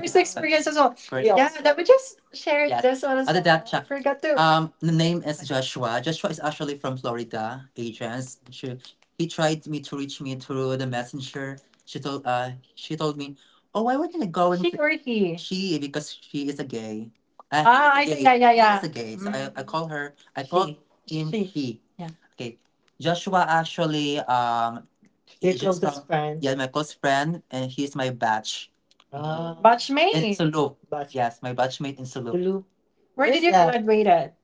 S1: as well. For, yeah, yes, let me just share, yes, this one as other well, I Chuck forgot to. Um, the name is Joshua. Joshua is actually from Florida, agents. She, he tried me to reach me through the messenger. She told uh she told me, oh, why would I go? And she or he? She, because she is a gay. Uh, he, ah, is ah, a I see, gay. Yeah, gay, yeah, he is, yeah, a gay. So I, I mm, call her. I call she, him she, he. Yeah. Okay. Joshua actually um your he- Joshua closest from friend, yeah, my close friend, and he's my batch, ah, in batchmate, Sulu, batch. Yes, my batchmate in Sulu, Lulu. Where where's did you that graduate at?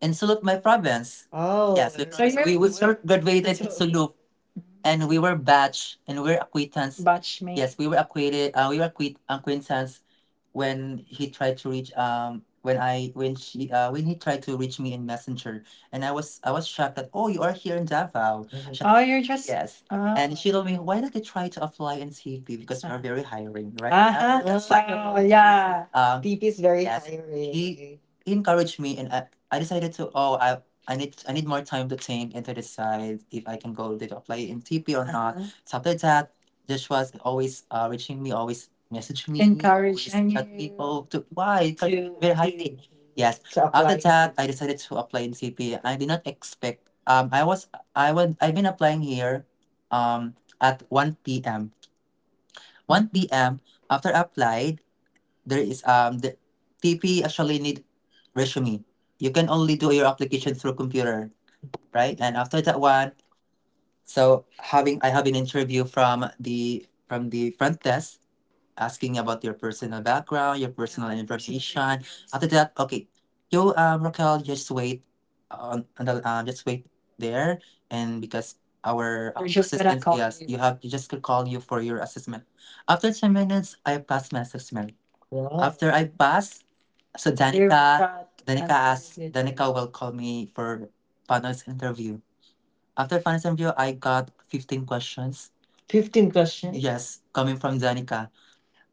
S1: In Sulu, my province. Oh, yes, my so province. You're We we start graduated in so, and we were batch and we were acquaintance. Batchmate. Yes, we were acquainted. Uh, we were acquaint acquaintance when he tried to reach, um when I when she, uh when he tried to reach me in Messenger. And I was I was shocked that, oh, you are here in Davao. She- oh, you're just, yes, oh. And she told me, why don't you try to apply in T P, because we're very hiring right now. Uh-huh. That's why, so, yeah, um P P is very, yes, hiring. He encouraged me, and I, I decided to, oh, I, I need I need more time to think and to decide if I can go to apply in T P or not. Uh-huh. So after that, Joshua's always uh, reaching me, always messaging me, encouraging, always chat me, oh, to, why, it's to very high. Yes. After that, I decided to apply in C P. I did not expect. Um, I was I was I've been applying here, um, at one p m. One p m. After applied, there is um the T P actually need resume. You can only do your application through computer, right? And after that one, so having I have an interview from the from the front desk asking about your personal background, your personal information. After that, okay, you um Raquel, just wait on, on the um just wait there, and because our we're just gonna assistant- call, yes, you. You have you just could call you for your assessment. After ten minutes, I passed my assessment. Wow. After I pass, so Dear Danica, God, Danica I'm asked, amazed. Danica will call me for panel's interview. After Finance and View, I got fifteen questions. fifteen questions. Yes, coming from Janica.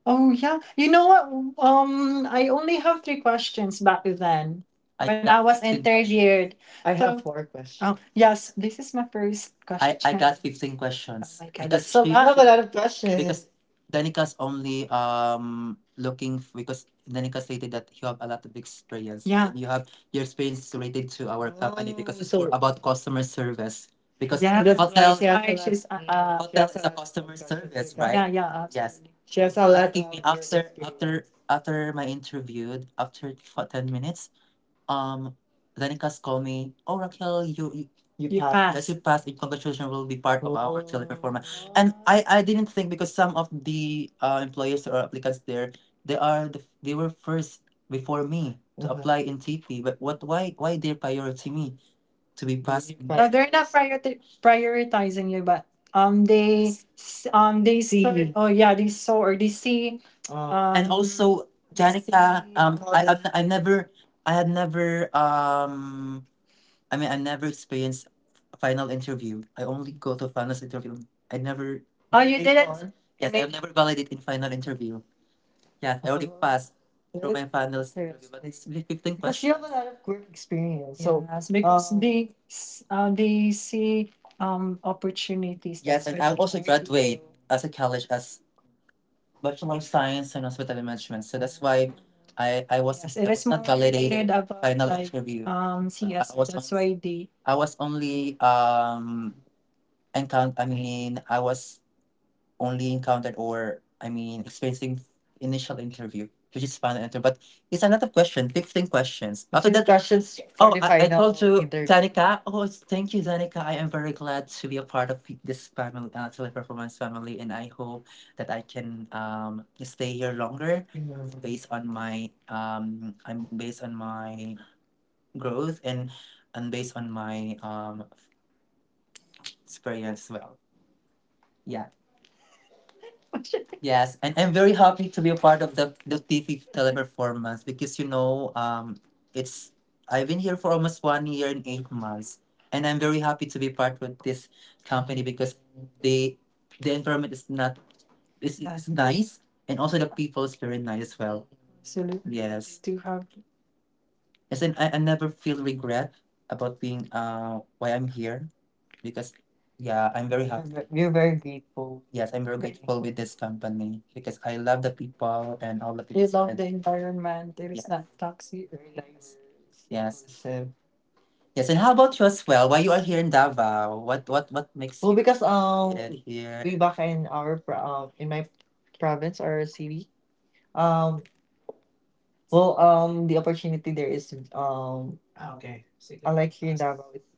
S1: Oh yeah. You know what? Um, I only have three questions back then. I when got, I got was fifteen interviewed. I have, so, four oh questions. Oh yes, this is my first I I question. Got question, fifteen. Oh questions my God, because that's a she I have a lot, lot of questions. Because Danica only um looking f- because Danica stated that you have a lot of experience. Yeah. You have your experience is related to our company because oh, it's for so about customer service. Because yeah, that's yes, why that's she hotel has a why lot. She's uh, mm, uh she hotel has a is a lot of customer questions service. Yeah, right, regarding. Yeah, yeah, yes, absolutely. She has a lot asking me of work after after experience after my interview after for ten minutes. um Danikas called me, oh Raquel you you, you you passed, yes you pass, passed, and congratulations, will be part of our teleperformance. And oh, I I didn't think because some of the uh, employers or applicants there, they are the, they were first before me to, mhm, apply in T P, but what why why they priority me to be passed. No, they're not priori- prioritizing you, but um, they s- um they saw. See. Oh yeah, they saw or they see. And um also, Janica, um, I, I've, I've never, I had never, um, I mean, I never experienced a final interview. I only go to finals interview. I never, oh you didn't, yes, I've never validated in final interview. Yeah, theory, uh-huh, pass through my final, yes, theory, but it's fifteen, because you have a, questions, lot of work experience. So yes, because um, they s- uh, they see um opportunities. Yes, that's and why I they also choose graduate do as a college as Bachelor of Science in Hospitality Management. So that's why I I was, yes, I it was is not more not validated related about final like interview. Um I C S. Was that's on, why they I was only um encounter. I mean, I was only encountered, or I mean experiencing initial interview, which is final interview. But it's a lot of questions, fifteen questions. After fifteen that, questions for oh, the I, I told final to interview. Danica. Oh, it's- thank you, Danica. I am very glad to be a part of this family, uh, teleperformance family, and I hope that I can um stay here longer, mhm, based on my um, I'm based on my growth and and based on my um experience as well. Yeah. Yes, and I'm very happy to be a part of the the T V teleperformance because you know, um, it's, I've been here for almost one year and eight months, and I'm very happy to be part with this company because the the environment is not, is is nice, and also the people is very nice as well. Absolutely. Yes. Do have. Yes, and I, I never feel regret about being uh why I'm here because yeah, I'm very, we're happy, ve- we're very grateful. Yes, I'm very grateful with this company because I love the people and all the people. You love the environment. It, yes, not toxic or nice. Yes, so, yes. And how about you as well? Why you are here in Davao? What what what makes, well, you because um, here, here, way back in our pro- um in my province or city, um, well, um, the opportunity there is um like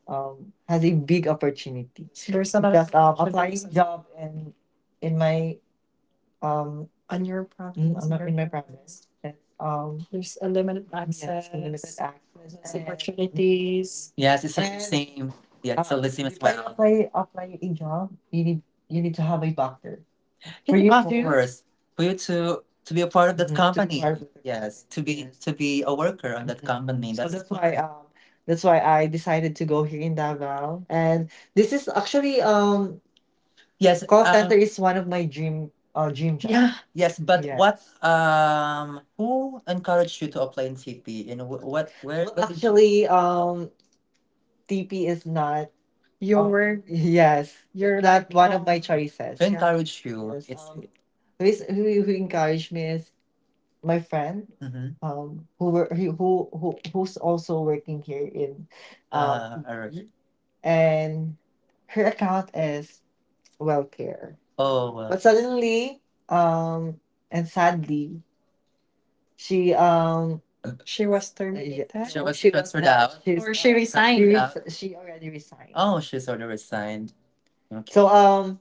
S1: um, has a big opportunity. There's some because um, applying job and in my um on your province, mm, properties, in my province, it's um there's a limited access, limited access, less and opportunities. Yes, it's the and same. Yeah, it's uh, the uh, same as, if well, I well. apply, apply a job, you need you need to have a doctor for, it's you about of you, course, for you to to be a part of that, mhm, to be part company part of the, yes, company, to be, yes, to be a worker on that, mhm, company. So that's that's why um that's why I decided to go here in Davao. And this is actually um yes, call center um is one of my dream uh dream job. Yeah, yes, but yeah, what um who encouraged you to apply in T P? And wh- what where well what did you actually um T P is not, you, oh, were, yes, you're not one of my who choices. Yeah, encouraged you? Yes, it's Um, who is who, who encouraged me is my friend, mm-hmm, um, who were who who who- who's also working here in, um, uh, all right. And her account is welfare. Oh well. But suddenly, um, and sadly, she um she was terminated. She was, she was transferred not, out, she's, or she, transferred, resigned, she, transferred out, She, she already resigned. Oh, she's already resigned. Okay. So um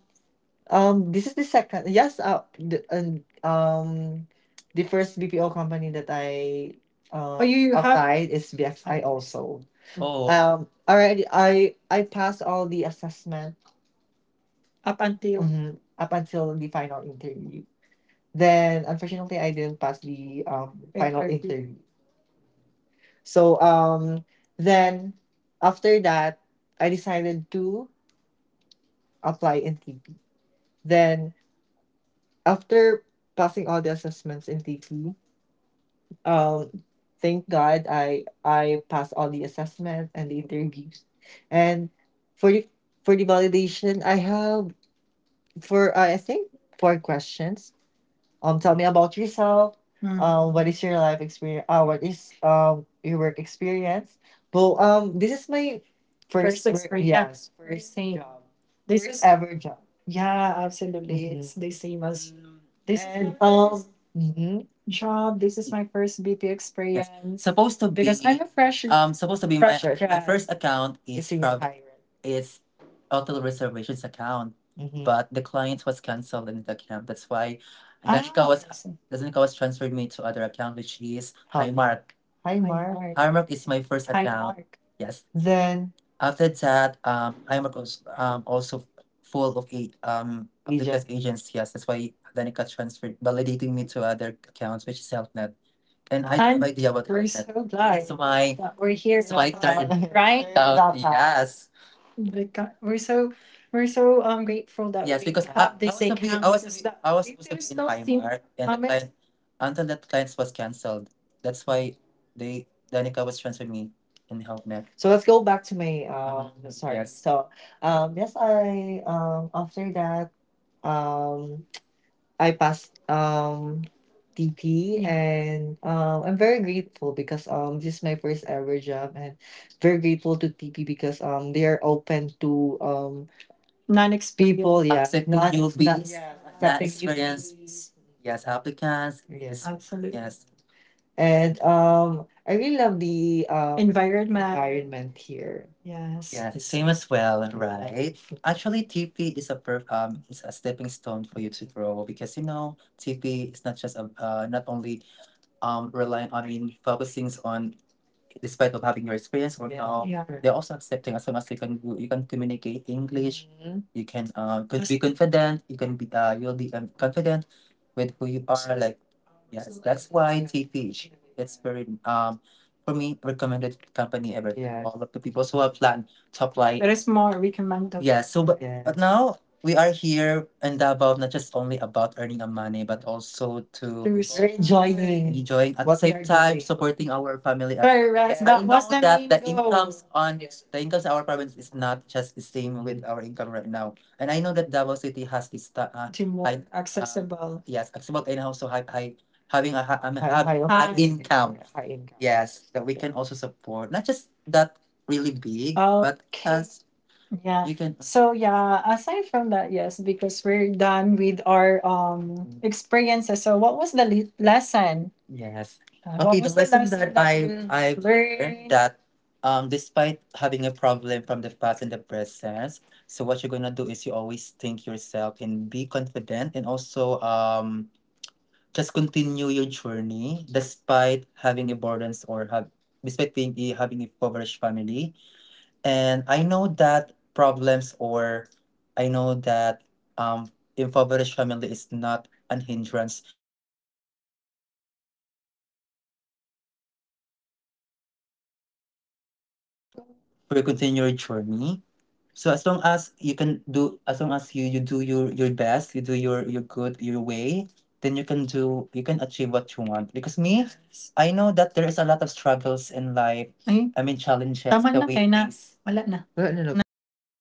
S1: um this is the second, yes uh the, and um the first B P O company that I, oh, uh oh, you you have, applied is B X I also. Oh, Um already I I passed all the assessment up until, mhm, up until the final interview. Then unfortunately I didn't pass the um final interview, interview. So um then after that I decided to apply in T P. Then after passing all the assessments in T P, um, thank God, I I passed all the assessment and the interviews, and for the for the validation, I have for uh, I think four questions. um, tell me about yourself. Mm. Um, what is your life experience? Uh, what is um your work experience? Well, um, this is my first, first work experience. Yeah, yes, first same, job, this first is ever job. Yeah, absolutely. Hmm, it's the same as, mm, this is, and my um, first, mhm, job. This is my first B P experience. Supposed to because be, I'm a fresh, um supposed to be my fresh, my grad. First account is a travel, is hotel reservations account. Hmm, but the client was canceled in the account. That's why and then, ah, Kawas, I, then Kawas transferred me to other account, which is, hi, Highmark. Hi, Mark. Highmark is my first, hi, account. Mark. Yes. Then after that, um, Highmark was um also full of eight um agent, applicants, agents. Yes, that's why Danica transferred, validating me to other accounts, which is Selfnet. And I have no am idea what we're happened, so glad, it's my that we're here, it's my turn. So yes, The co- we're so, we're so um grateful that yes, we because I, have I this was to I encounter was, because that I was, if supposed to be there's in no simple Highmark, and the comments client until that clients was cancelled. That's why they, Danica was transferring me in HelpNet. So let's go back to my, Uh, um sorry, yes. So um yes, I um after that um I passed um T P, and um I'm very grateful because um this is my first ever job, and very grateful to T P because um they are open to um non-experienced people, yeah, accepting, not not newbies, yeah, not accepting experienced, newbies, yes, applicants, yes, yes, absolutely, yes. And um, I really love the um, environment, environment here. Yes. Yeah, the same as well, right? Actually, T P is a perf- um is a stepping stone for you to grow, because you know, T P is not just a, uh, not only um relying on, I mean focusing on, despite of having your experience or how. Yeah, they're also accepting as long as you can, you can communicate English, mhm, you can uh could, yes, be confident, you can be uh you'll be um, confident with who you are. Like yes, that's why T P H. It's very um for me recommended company ever. Yeah. All of the people who have planned to apply, it is more recommended. Yeah, so but yeah, but now we are here in Davao, not just only about earning a money, but also to enjoy, enjoying, enjoying at the, what we same are time doing, supporting our family as well. Correct. And I, that was know the that main the goal, incomes on the income in our province is not just the same with our income right now. And I know that Davao City has its ta- uh, to more I- accessible. Uh, yes, accessible, and also high, high, having a high, um, High- have high, High- an income. Yeah, high income. Yes, that we can also support. Not just that really big, but okay as, yeah, you can, so yeah, aside from that, yes, because we're done with our um experiences. So what was the le- lesson? Yes. Uh, Okay, what okay, the was the lesson, lesson that that I you I learned, learned, that um, despite having a problem from the past and the present, so what you're gonna do is you always think yourself and be confident, and also um just continue your journey despite having a burdens or have, despite being a- having a coverage family. And I know that problems or I know that um impoverished family is not an hindrance
S2: For continue your journey. So as long as you can do, as long as you you do your your best, you do your your good your way, then you can do you can achieve what you want. Because me, I know that there is a lot of struggles in life. I mean challenges that we face. Wala na Na nag-resolve. Resolve